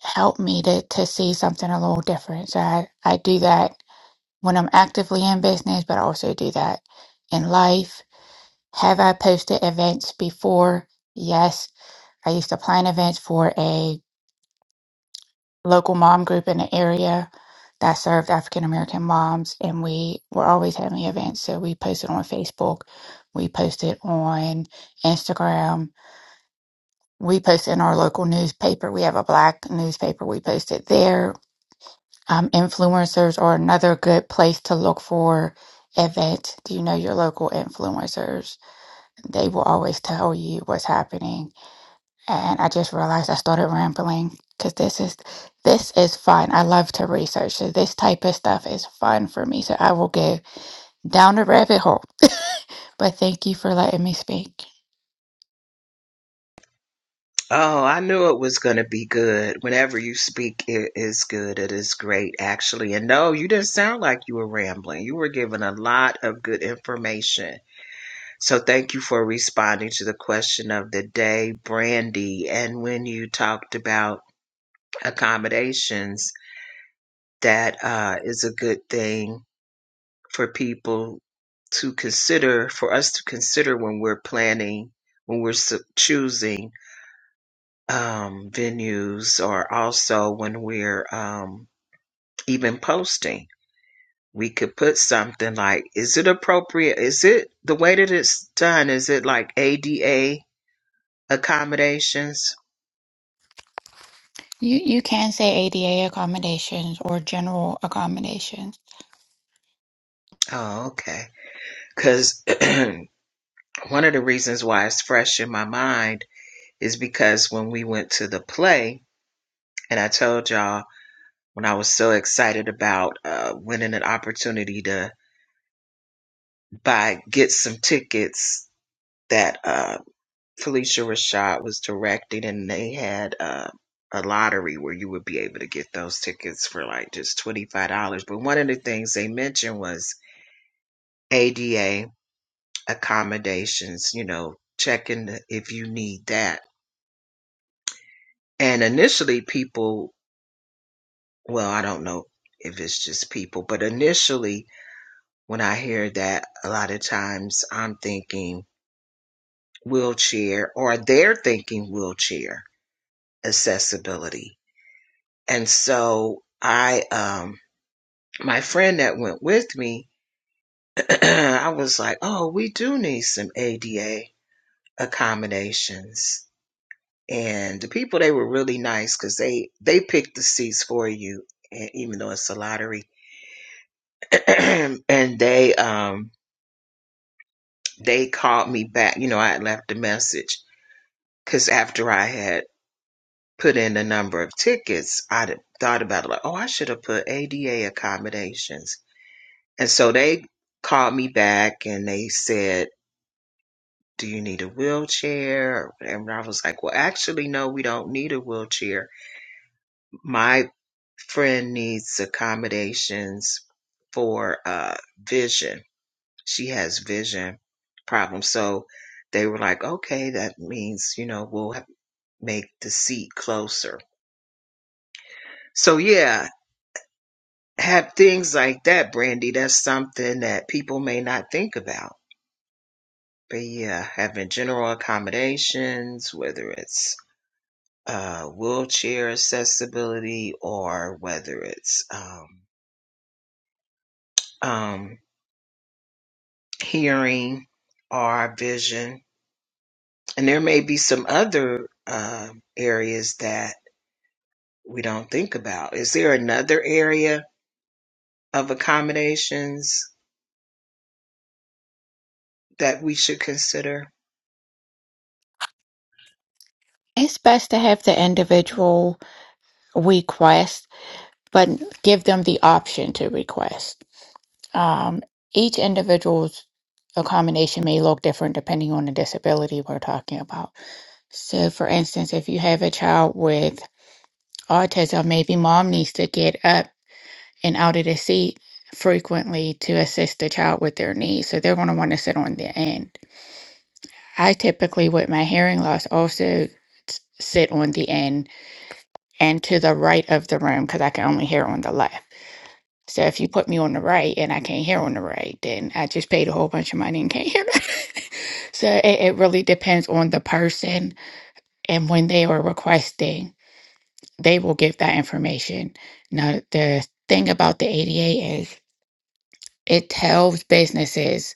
Speaker 8: helped me to, to see something a little different. So I, I do that when I'm actively in business, but I also do that in life. Have I posted events before? Yes. I used to plan events for a local mom group in the area that served African American moms, and we were always having events. So we posted on Facebook, we posted on Instagram, we posted in our local newspaper. We have a black newspaper, we posted there. Um, influencers are another good place to look for events. Do you know your local influencers? They will always tell you what's happening and I just realized I started rambling because this is this is fun. I love to research, so this type of stuff is fun for me. So I will go down the rabbit hole. But thank you for letting me speak.
Speaker 2: Oh, I knew it was going to be good. Whenever you speak, it is good. It is great, actually. And no, you didn't sound like you were rambling. You were giving a lot of good information So thank you for responding to the question of the day, Brandy. And when you talked about accommodations, that uh, is a good thing for people to consider, for us to consider when we're planning, when we're s- choosing um, venues, or also when we're um, even posting. We could put something like, is it appropriate? Is it the way that it's done? Is it like ADA accommodations?
Speaker 8: You you can say ADA accommodations or general accommodations.
Speaker 2: Oh, okay. Because one of the reasons why it's fresh in my mind is because when we went to the play, and I told y'all when I was so excited about uh, winning an opportunity to buy, get some tickets that uh, Felicia Rashad was directing, and they had uh, a lottery where you would be able to get those tickets for like just $25. But one of the things they mentioned was ADA accommodations, you know, checking the- if you need that. And initially, people, well, I don't know if it's just people, but initially, when I hear that, a lot of times I'm thinking wheelchair or they're thinking wheelchair accessibility. And so I, um, my friend that went with me, I was like, oh, we do need some ADA accommodations and the people they were really nice because they they picked the seats for you e- even though it's a lottery and they um they called me back you know i had left a message because after i had put in the number of tickets i would thought about it like oh i should have put ada accommodations and so they called me back and they said do you need a wheelchair or whatever and i was like well actually no we don't need a wheelchair my friend needs accommodations for uh vision. She has vision problems. So they were like, okay, that means, you know, we'll have, make the seat closer. So yeah, have things like that, Brandy. That's something that people may not think about. But yeah, having general accommodations, whether it's uh, wheelchair accessibility or whether it's um, um, hearing, our vision. And there may be some other um areas that we don't think about. Is there another area of accommodations that we should consider?
Speaker 8: It's best to have the individual request, but give them the option to request. Um, each individual's accommodation may look different depending on the disability we're talking about. So, for instance, if you have a child with autism, maybe mom needs to get up and out of the seat frequently to assist the child with their needs. So, they're going to want to sit on the end. I typically, with my hearing loss, also s- sit on the end and to the right of the room because I can only hear on the left. So, if you put me on the right and I can't hear on the right, then I just paid a whole bunch of money and can't hear. so, it, it really depends on the person and when they are requesting. they will give that information. Now, the thing about the ADA is it tells businesses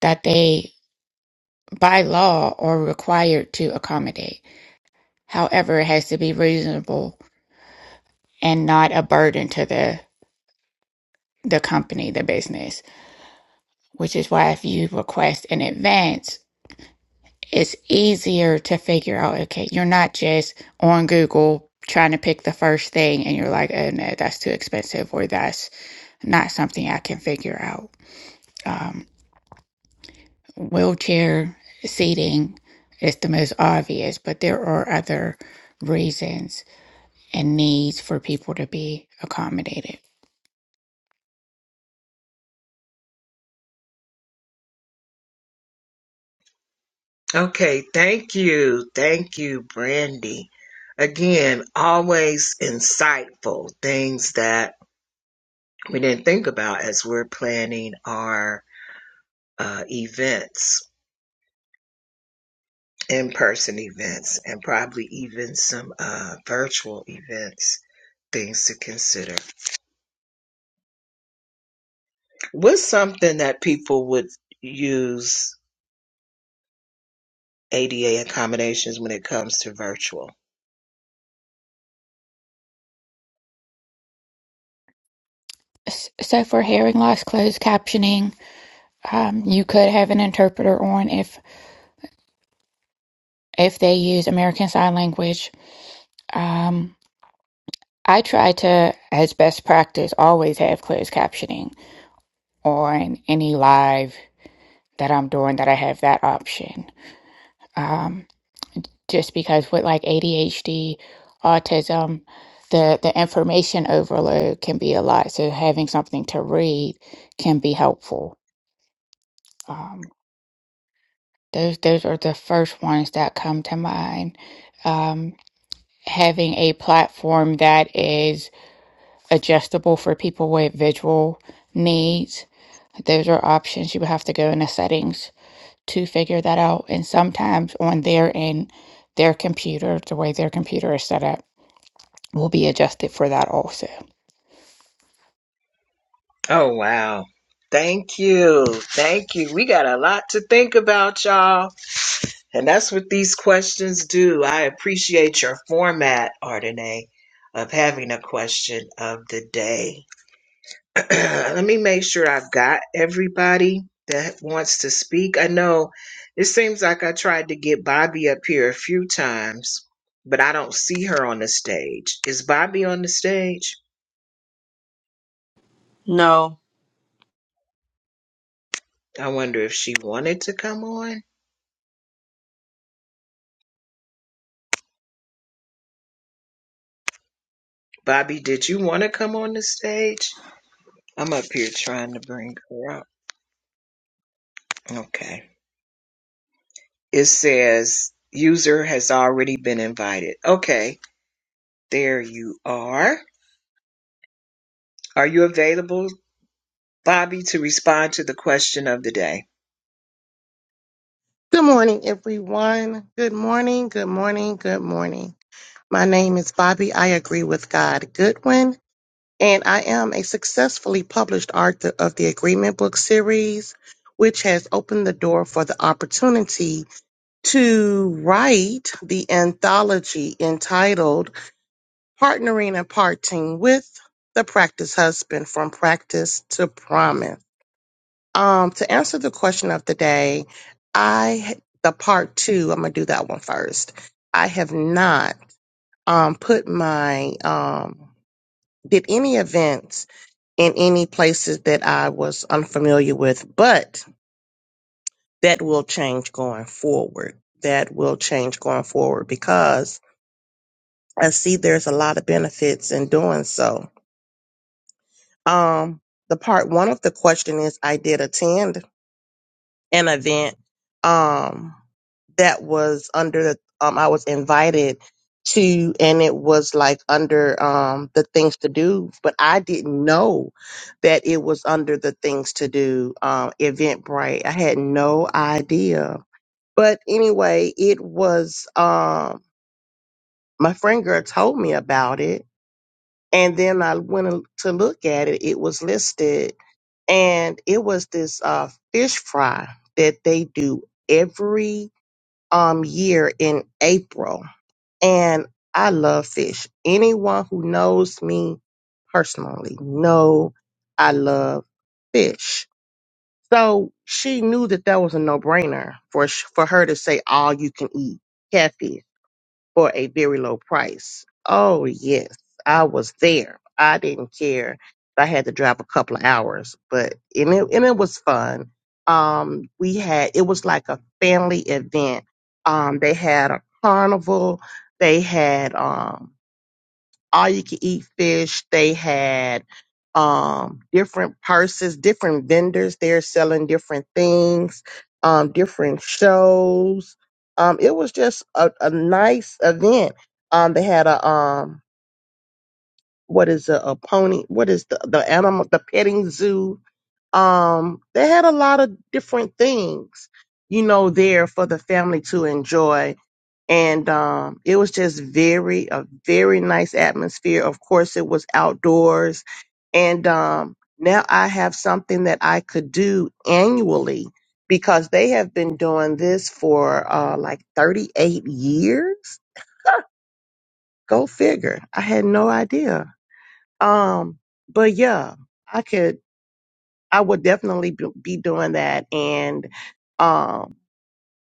Speaker 8: that they, by law, are required to accommodate. However, it has to be reasonable and not a burden to the the company, the business, which is why if you request in advance, it's easier to figure out, okay, you're not just on Google trying to pick the first thing and you're like, oh no, that's too expensive or that's not something I can figure out Um, wheelchair seating is the most obvious, but there are other reasons and needs for people to be accommodated.
Speaker 2: Okay, thank you. Thank you, Brandy. Again, always insightful things that we didn't think about as we're planning our uh, events. in-person events and probably even some uh, virtual events things to consider what's something that people would use ada accommodations when it comes to virtual
Speaker 8: S- So for hearing loss closed captioning, um, you could have an interpreter on if if they use American Sign Language. Um, I try to, as best practice, always have closed captioning. on any live that I'm doing that I have that option. Um, just because with like ADHD, autism, the, the information overload can be a lot. So having something to read can be helpful. Um, those those are the first ones that come to mind. Um, having a platform that is adjustable for people with visual needs. Those are options. You would have to go into settings to figure that out. And sometimes on their end, their computer, the way their computer is set up, will be adjusted for that also.
Speaker 2: oh wow thank you thank you we got a lot to think about y'all and that's what these questions do i appreciate your format Ardenae, of having a question of the day Let me make sure I've got everybody that wants to speak. I know it seems like I tried to get Bobby up here a few times, but I don't see her on the stage. Is Bobby on the stage?
Speaker 5: no
Speaker 2: I wonder if she wanted to come on. Bobby, did you want to come on the stage? I'm up here trying to bring her up. Okay. It says user has already been invited. Okay, there you are. Are you available Bobby to respond to the question of the day.
Speaker 9: Good morning, everyone. Good morning, good morning, good morning. My name is Bobby. I agree with God Goodwin, and I am a successfully published author of the Agreement Book Series, which has opened the door for the opportunity to write the anthology entitled Partnering and Parting with the Practice Husband from Practice to Promise. Um, to answer the question of the day, I the part two. I'm gonna do that one first. I have not um put my um did any events in any places that I was unfamiliar with, but that will change going forward. That will change going forward because I see there's a lot of benefits in doing so. Um, the part one of the question is I did attend an event um that was under the um I was invited to and it was like under um the things to do but I didn't know that it was under the things to do um Eventbrite. I had no idea. But anyway, it was um my friend girl told me about it and then I went to look at it. It was listed and it was this uh, fish fry that they do every um year in April. And I love fish. Anyone who knows me personally know I love fish. So she knew that that was a no brainer for sh- for her to say all you can eat catfish for a very low price. Oh, yes, I was there. I didn't care. if I had to drive a couple of hours, but and it and it was fun. Um, we had it was like a family event. Um, they had a carnival. They had um all you could eat fish. They had um, different purses, different vendors there selling different things, um, different shows. Um, it was just a, a nice event. Um, they had a um, what is a, a pony? What is the the animal? The petting zoo. Um, they had a lot of different things, you know, there for the family to enjoy and um, it was just very a very nice atmosphere. Of course, it was outdoors, and um, now I have something that I could do annually because they have been doing this for uh, like 38 years. Go figure. I had no idea. Um, but yeah, I could. I would definitely b- be doing that, and um,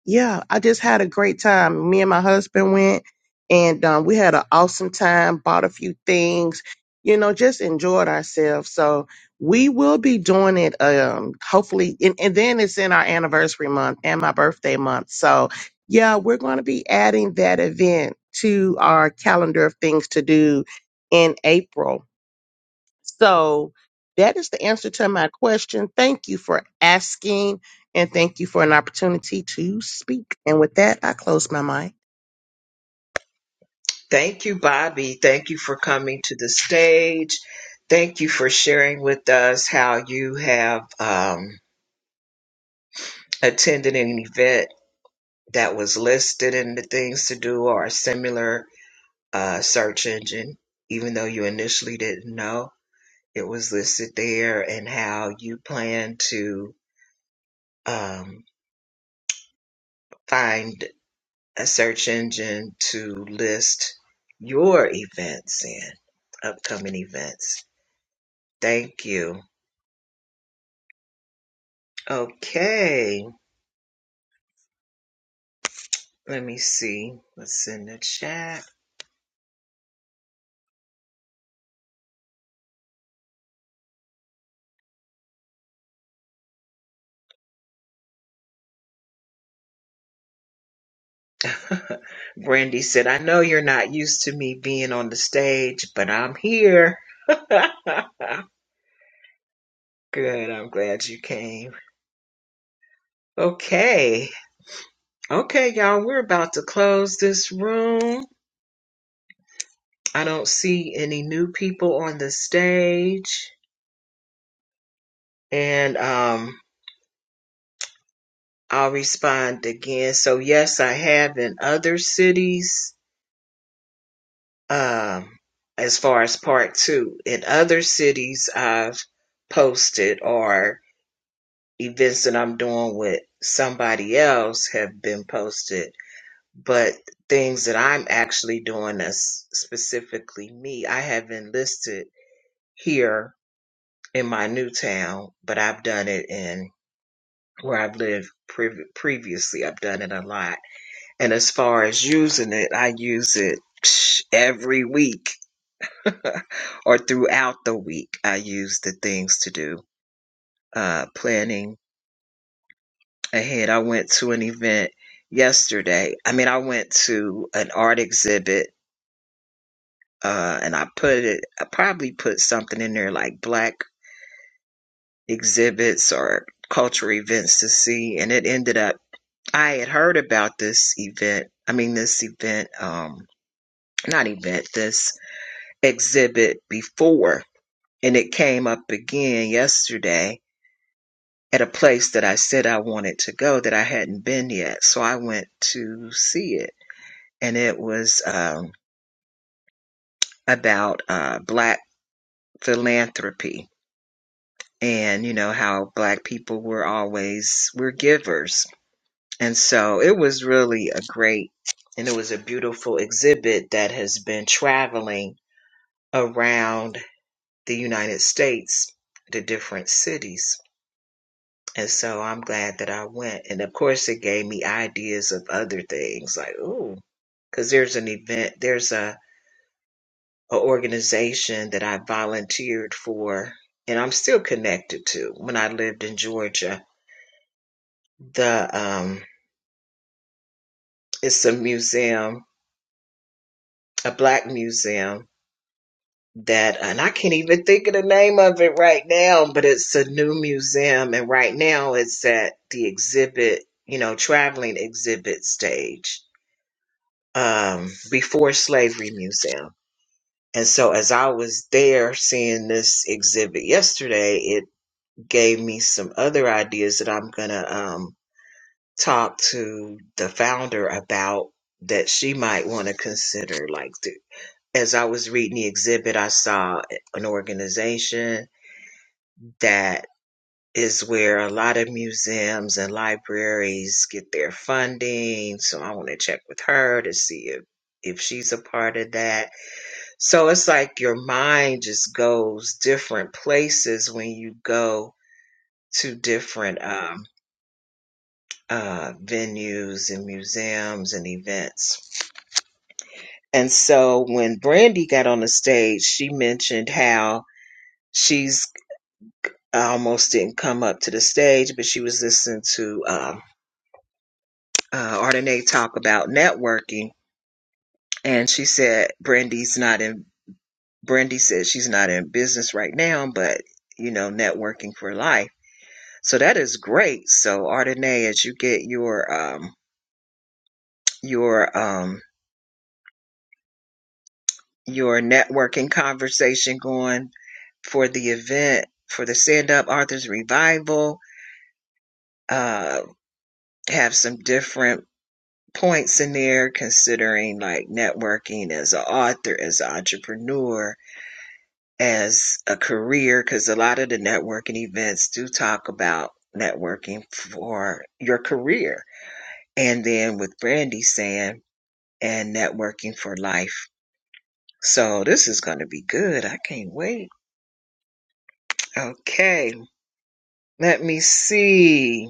Speaker 9: Yeah, I just had a great time. Me and my husband went and um, we had an awesome time, bought a few things, you know, just enjoyed ourselves. So we will be doing it um hopefully and, and then it's in our anniversary month and my birthday month. So yeah, we're gonna be adding that event to our calendar of things to do in April. So that is the answer to my question. Thank you for asking and thank you for an opportunity to speak. And with that, I close my mic.
Speaker 2: Thank you, Bobby. Thank you for coming to the stage. Thank you for sharing with us how you have um, attended an event that was listed in the things to do or a similar uh, search engine, even though you initially didn't know it was listed there, and how you plan to um, find a search engine to list your events and upcoming events. Thank you. Okay, let me see what's in the chat. Brandy said, I know you're not used to me being on the stage, but I'm here. Good, I'm glad you came. Okay, okay, y'all, we're about to close this room. I don't see any new people on the stage. And um, I'll respond again. So yes, I have in other cities. Um, as far as part two, in other cities, I've posted or events that I'm doing with somebody else have been posted, but things that I'm actually doing as specifically me, I haven't listed here in my new town, but I've done it in where I've lived prev- previously. I've done it a lot And as far as using it, I use it psh, every week or throughout the week. I use the things to do, uh, planning ahead. I went to an event yesterday. I mean, I went to an art exhibit, uh, and I put it, I probably put something in there like black exhibits or cultural events to see. And it ended up, I had heard about this event. I mean, this event, um, not event, this exhibit before, and it came up again yesterday at a place that I said I wanted to go that I hadn't been yet. So I went to see it, and it was um, about uh, black philanthropy and you know how black people were always we're givers, and so it was really a great and it was a beautiful exhibit that has been traveling around the United States to different cities And so I'm glad that I went. And of course, it gave me ideas of other things like, ooh, because there's an event, there's a, a organization that I volunteered for and I'm still connected to when I lived in Georgia. The um it's a museum, a black museum that and I can't even think of the name of it right now, but it's a new museum and right now it's at the exhibit, you know, traveling exhibit stage um, before slavery museum. And so as I was there seeing this exhibit yesterday, it gave me some other ideas that I'm gonna um, talk to the founder about that she might want to consider. Like th- as I was reading the exhibit, I saw an organization that is where a lot of museums and libraries get their funding. So I want to check with her to see if if she's a part of that So it's like your mind just goes different places when you go to different um, uh, venues and museums and events. And so when Brandy got on the stage, she mentioned how she's almost didn't come up to the stage, but she was listening to um, uh, Ardenae talk about networking. And she said, Brandy's not in, Brandy said she's not in business right now, but, you know, networking for life. So that is great. So Ardenae, as you get your um your um your networking conversation going for the event for the stand up authors revival, uh have some different points in there considering like networking as an author, as an entrepreneur, as a career, because a lot of the networking events do talk about networking for your career. And then with Brandy saying and networking for life. So this is going to be good. I can't wait. Okay, let me see.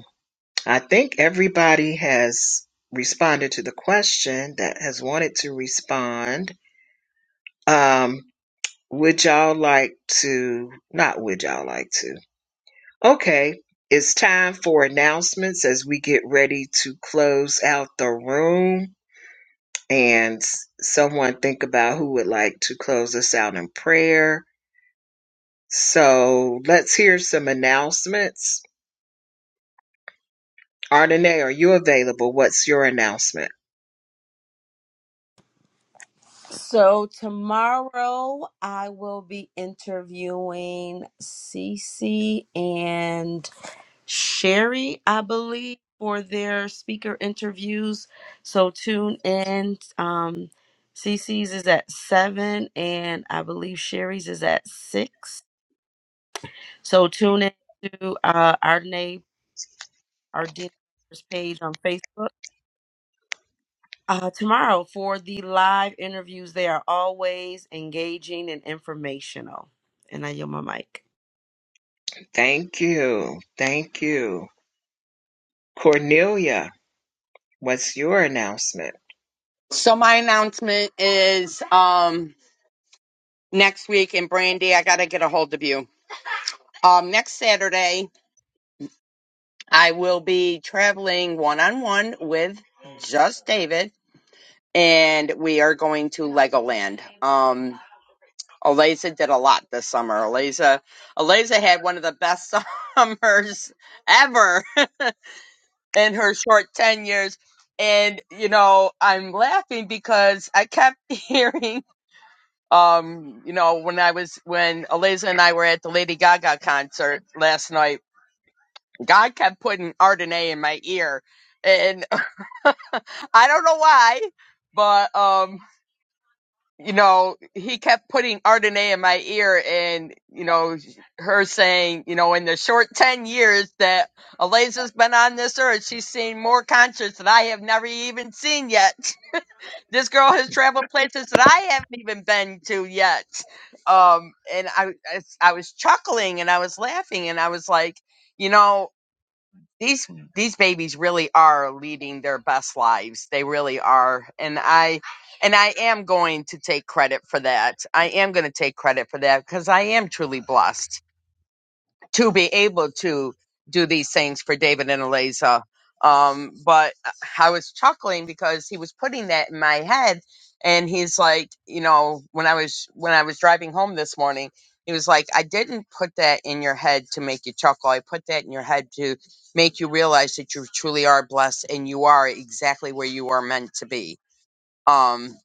Speaker 2: I think everybody has responded to the question that has wanted to respond. Um, would y'all like to? Not would y'all like to? Okay, it's time for announcements as we get ready to close out the room and s- someone think about who would like to close us out in prayer So let's hear some announcements. Ardenae, are you available? What's your announcement?
Speaker 5: so tomorrow i will be interviewing Cece and Sherry, I believe, for their speaker interviews. So tune in. Um, CC's is at seven, and I believe Sherry's is at six. So tune in to uh, our name, page on Facebook. Uh, tomorrow for the live interviews, they are always engaging and informational. And I yield my mic.
Speaker 2: Thank you. Thank you. Cornelia, what's your announcement?
Speaker 7: So my announcement is um next week and Brandy, I gotta get a hold of you. Um next Saturday I will be traveling one on one with just David. and we are going to Legoland. Um, Eliza did a lot this summer. Eliza, Eliza had one of the best summers ever in her short ten years. And you know, I'm laughing because I kept hearing, um, you know, when I was when Eliza and I were at the Lady Gaga concert last night, God kept putting Ardenae in my ear, and I don't know why, but um. you know, he kept putting Ardenae in my ear and, you know, her saying, you know, in the short 10 years that Eliza's been on this earth, she's seen more concerts that I have never even seen yet. This girl has traveled places that I haven't even been to yet. Um, and I, I, I was chuckling and I was laughing and I was like, you know, these these babies really are leading their best lives they really are and i and i am going to take credit for that i am going to take credit for that because i am truly blessed to be able to do these things for David and Eliza. Um, but I was chuckling because he was putting that in my head, and he's like, you know, when I was when I was driving home this morning, he was like, I didn't put that in your head to make you chuckle. I put that in your head to make you realize that you truly are blessed and you are exactly where you are meant to be. Um,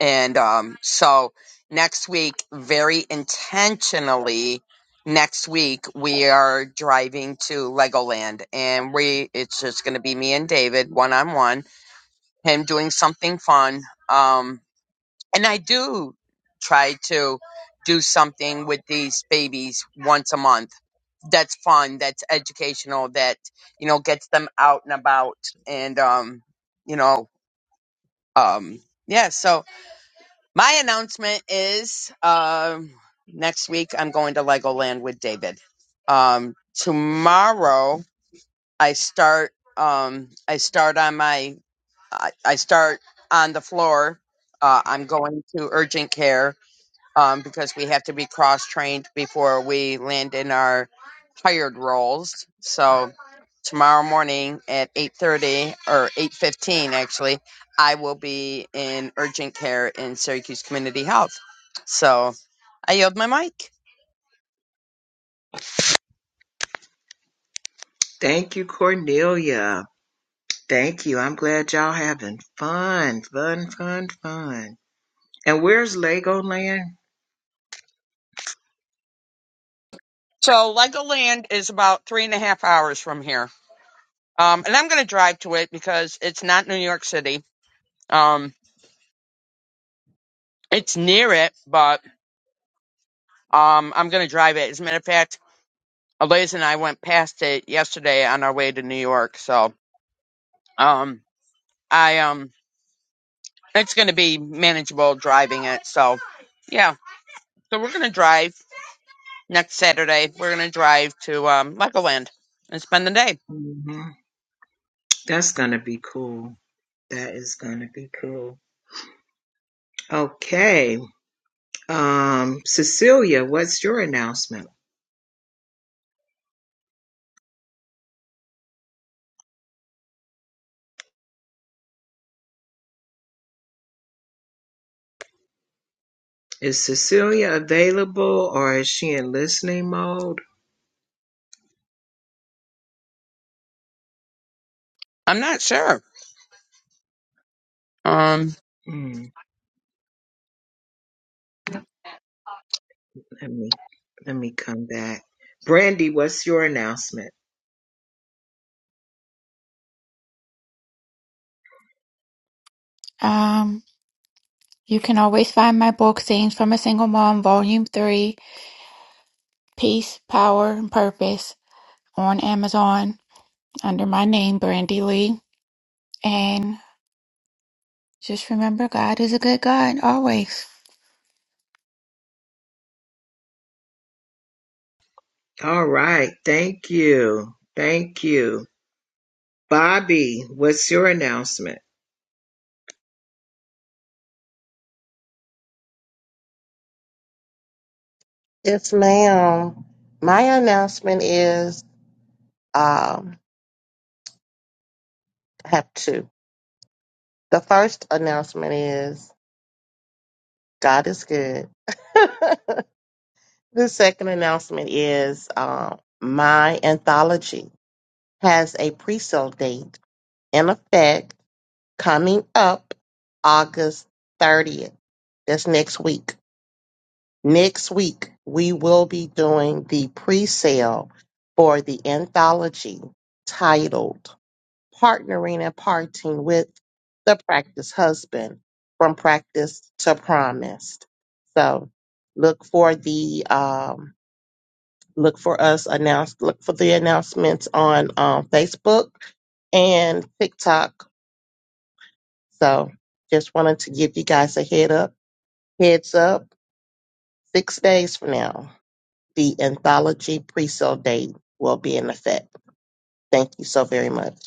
Speaker 7: and um, so next week, very intentionally, next week we are driving to Legoland, and we it's just going to be me and David one on one, him doing something fun. Um, and I do try to do something with these babies once a month. That's fun. That's educational. That you know gets them out and about, and um, you know, um, yeah. So my announcement is um, next week I'm going to Legoland with David. Um, tomorrow I start um, I start on my I, I start on the floor. Uh, I'm going to urgent care um, because we have to be cross trained before we land in our hired roles. So tomorrow morning at eight thirty or eight fifteen, actually, I will be in urgent care in Syracuse Community Health. So I yield my mic.
Speaker 2: Thank you, Cornelia. Thank you. I'm glad y'all having fun. Fun, fun, fun. And where's Legoland?
Speaker 7: So Legoland is about three and a half hours from here. Um, and I'm going to drive to it because it's not New York City. Um, it's near it, but um, I'm going to drive it. As a matter of fact, Eliz and I went past it yesterday on our way to New York. So, um, I um, it's going to be manageable driving it. So, yeah. So we're going to drive next Saturday. We're going to drive to um Legoland and spend the day.
Speaker 2: hmm That's gonna be cool. That is gonna be cool. Okay. Um, Cecilia, what's your announcement? Is Cecilia available or is she in listening mode?
Speaker 7: I'm not sure. Um,
Speaker 2: Mm, let me let me come back. Brandy, what's your announcement?
Speaker 8: Um, you can always find my book, Scenes from a Single Mom, Volume 3, Peace, Power, and Purpose, on Amazon under my name, Brandy Lee. And just remember, God is a good God always.
Speaker 2: All right. Thank you. Thank you. Bobby, what's your announcement?
Speaker 9: Yes, ma'am. My announcement is um, I have two. The first announcement is God is good. the second announcement is um, my anthology has a pre sale date in effect coming up August 30th. That's next week. Next week, we will be doing the pre sale for the anthology titled Partnering and Parting with the Practice Husband from Practice to Promised. So look for the, um, look for us announce, look for the announcements on um, Facebook and TikTok So just wanted to give you guys a head up, heads up. Six days from now, the anthology pre-sale date will be in effect. Thank you so very much.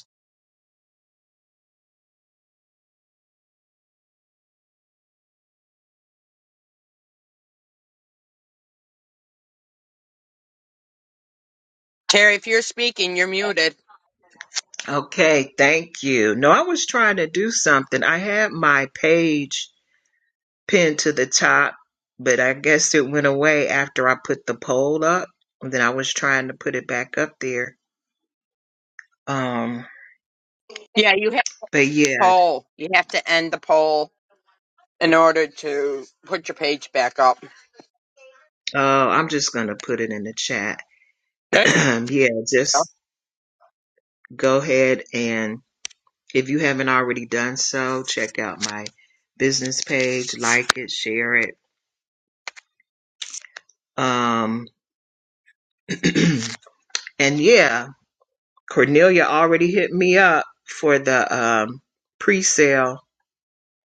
Speaker 7: Terry, if you're speaking, you're muted.
Speaker 2: Okay. Thank you. No, I was trying to do something. I had my page pinned to the top, but I guess it went away after I put the poll up. And then I was trying to put it back up there. Um,
Speaker 7: Yeah, you have to
Speaker 2: but yeah,
Speaker 7: poll. You have to end the poll in order to put your page back up.
Speaker 2: uh, I'm just going to put it in the chat.
Speaker 7: Hey.
Speaker 2: yeah, just go ahead and If you haven't already done so, check out my business page, like it, share it. Um, and yeah, Cornelia already hit me up for the um, pre-sale,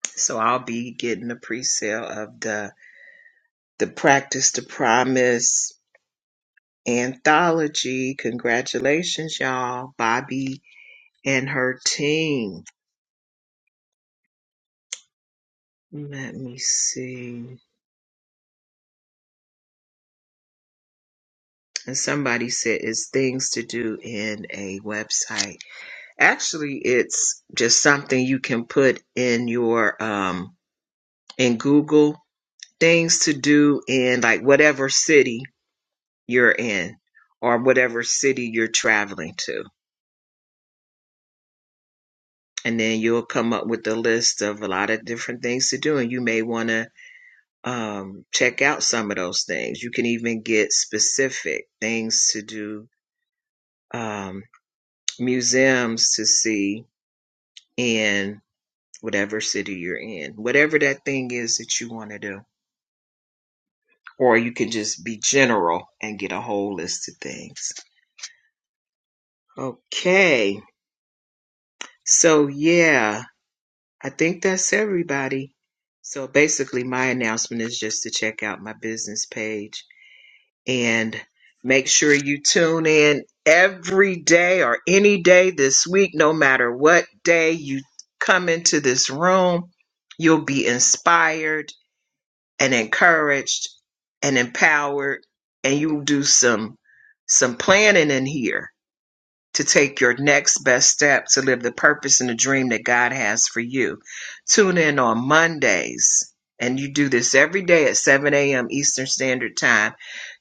Speaker 2: so I'll be getting the pre-sale of the the Practice to Promise anthology. Congratulations, y'all, Bobby and her team. Let me see. And somebody said it's things to do in a website. Actually, it's just something you can put in your um in Google things to do in like whatever city you're in or whatever city you're traveling to. And then you'll come up with a list of a lot of different things to do and you may want to um check out some of those things. You can even get specific things to do um museums to see in whatever city you're in. Whatever that thing is that you want to do or you can just be general and get a whole list of things. Okay. So, yeah, I think that's everybody. So, basically, my announcement is just to check out my business page and make sure you tune in every day or any day this week, no matter what day you come into this room. You'll be inspired and encouraged and empowered and you do some some planning in here to take your next best step to live the purpose and the dream that God has for you. Tune in on Mondays and you do this every day at 7 a.m. Eastern Standard Time.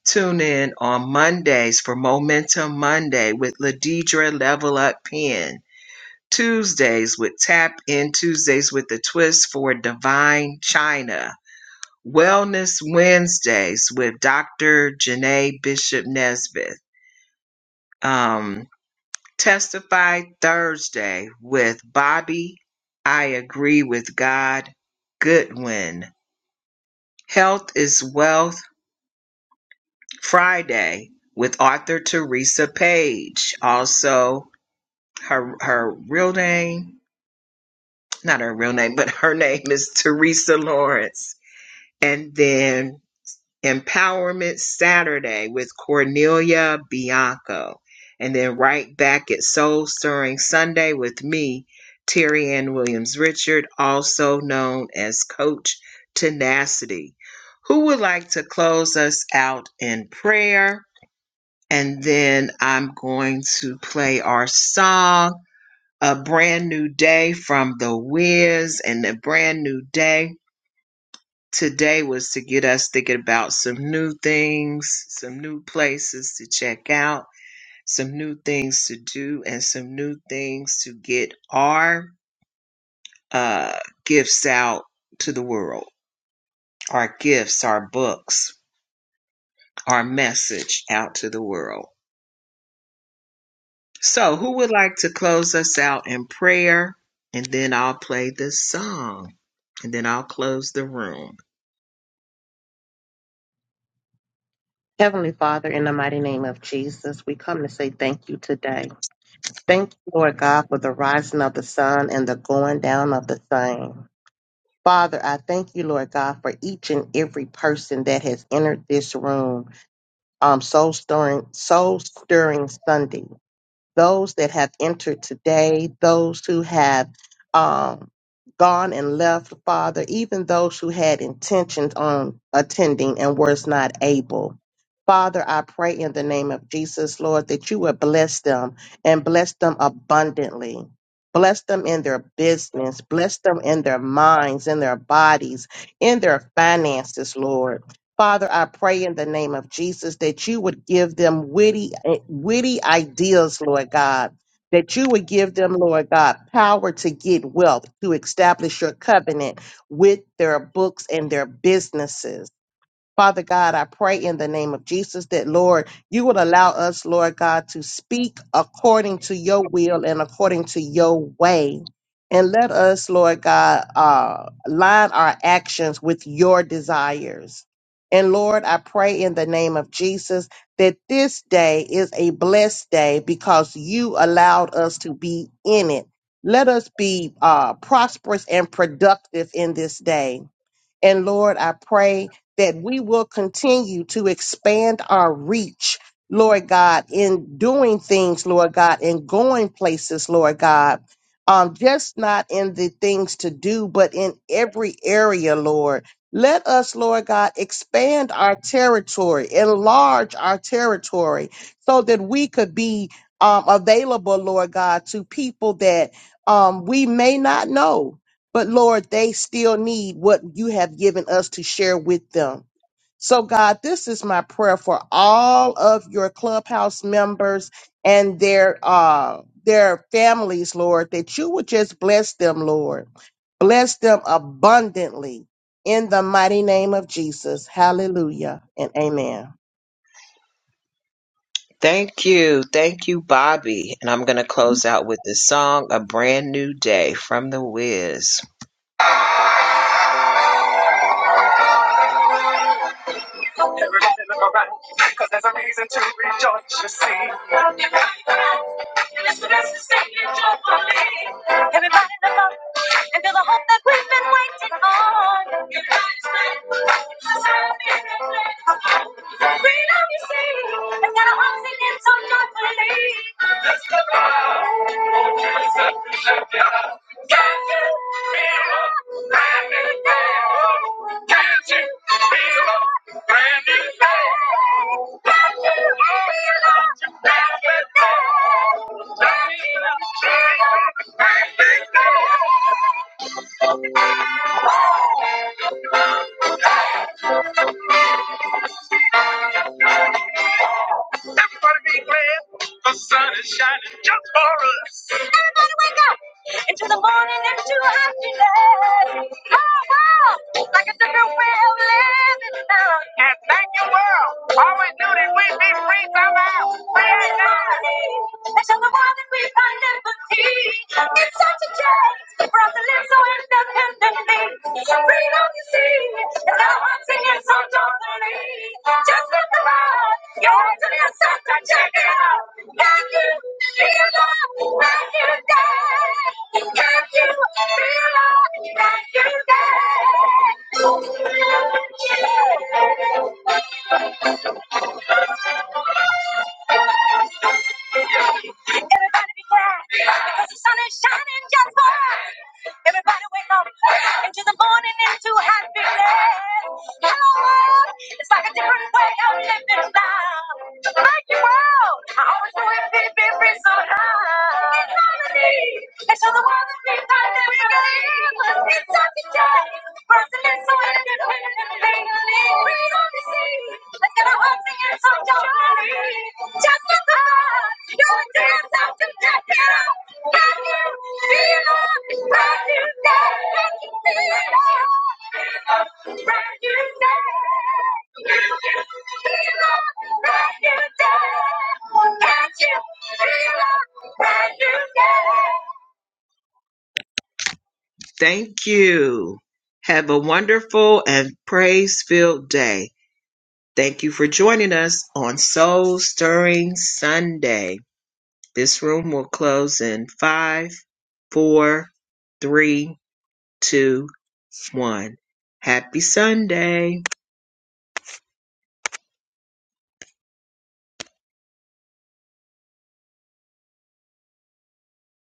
Speaker 2: Tune in on Mondays for Momentum Monday with Ladidra Level Up Pen. Tuesdays with Tap In Tuesdays with the Twist for Divine China Wellness Wednesdays with Dr. Janae Bishop Nesbitt. Um, Testify Thursday with Bobby. I agree with God. Goodwin. Health is Wealth Friday with author Teresa Page. Also, her her real name, not her real name, but her name is Teresa Lawrence. And then Empowerment Saturday with Cornelia Bianco. And then right back at Soul Stirring Sunday with me, Terry Ann Williams Richard, also known as Coach Tenacity. Who would like to close us out in prayer? And then I'm going to play our song, A Brand New Day from The Wiz, and A Brand New Day today was to get us thinking about some new things, some new places to check out, some new things to do, and some new things to get our uh, gifts out to the world, our gifts, our books, our message out to the world. So, who would like to close us out in prayer? And then I'll play this song, and then I'll close the room.
Speaker 9: Heavenly Father, in the mighty name of Jesus, we come to say thank you today. Thank you, Lord God, for the rising of the sun and the going down of the same. Father, I thank you, Lord God, for each and every person that has entered this room. Um, soul stirring, soul stirring Sunday. those that have entered today, those who have um, gone and left, Father, even those who had intentions on attending and was not able. Father, I pray in the name of Jesus, Lord, that you would bless them and bless them abundantly. Bless them in their business, bless them in their minds, in their bodies, in their finances, Lord. Father, I pray in the name of Jesus that you would give them witty, eh, witty ideas, Lord God. That you would give them, Lord God, power to get wealth, to establish your covenant with their books and their businesses. Father God, I pray in the name of Jesus that, Lord, you would allow us, Lord God, to speak according to your will and according to your way. And let us, Lord God, uh, line our actions with your desires. And Lord, I pray in the name of Jesus that this day is a blessed day because you allowed us to be in it. Let us be uh, prosperous and productive in this day. And Lord, I pray that we will continue to expand our reach, Lord God, in doing things, Lord God, in going places, Lord God. Um, just not in the things to do, but in every area, Lord. Let us, Lord God, expand our territory, enlarge our territory so that we could be um, available, Lord God, to people that um, we may not know but Lord, they still need what you have given us to share with them. So, God, this is my prayer for all of your clubhouse members and their uh their families, Lord, that you would just bless them, Lord. Bless them abundantly in the mighty name of Jesus. Hallelujah and amen.
Speaker 2: Thank you. Thank you, Bobby. And I'm going to close out with the song A Brand New Day from The Wiz. Everybody look around, cause there's a reason to rejoice, you see. And It's the best to say it joyfully. Everybody look up and feel the hope that we've been waiting on. Everybody's ready. It's a sign of Freedom you see, and got a heart singing so joyfully. Let's go out, oh, Jesus, let go. Can't you feel it? Let it go. Can't you feel it? Thank you. Everybody be glad. The sun is shining just for us. Everybody wake up. Into the morning, into day. Oh, wow. Like a different way of living now. And thank you, world. Always knew that we'd be free somehow. Free at last. show the world that we find liberty. It's such a joy so independently. Freedom you see is now I'm singing so joyfully. Just look around, you're to yourself and check it out. Can you feel love when you dance? Can you feel love when you dance? Everybody be glad because the sun is shining just for us. Everybody wake up into the morning into happiness. Hello world, it's like a different way of living now. Thank you world, I always knew it be be be so high. It's harmony, and show the world that we kind and we believe it's such a day. First and so live and legally free on the sea. let's Thank you. Have a wonderful and praise filled day. Thank you for joining us on Soul Stirring Sunday. This room will close in five, four, three, two, one. Happy Sunday.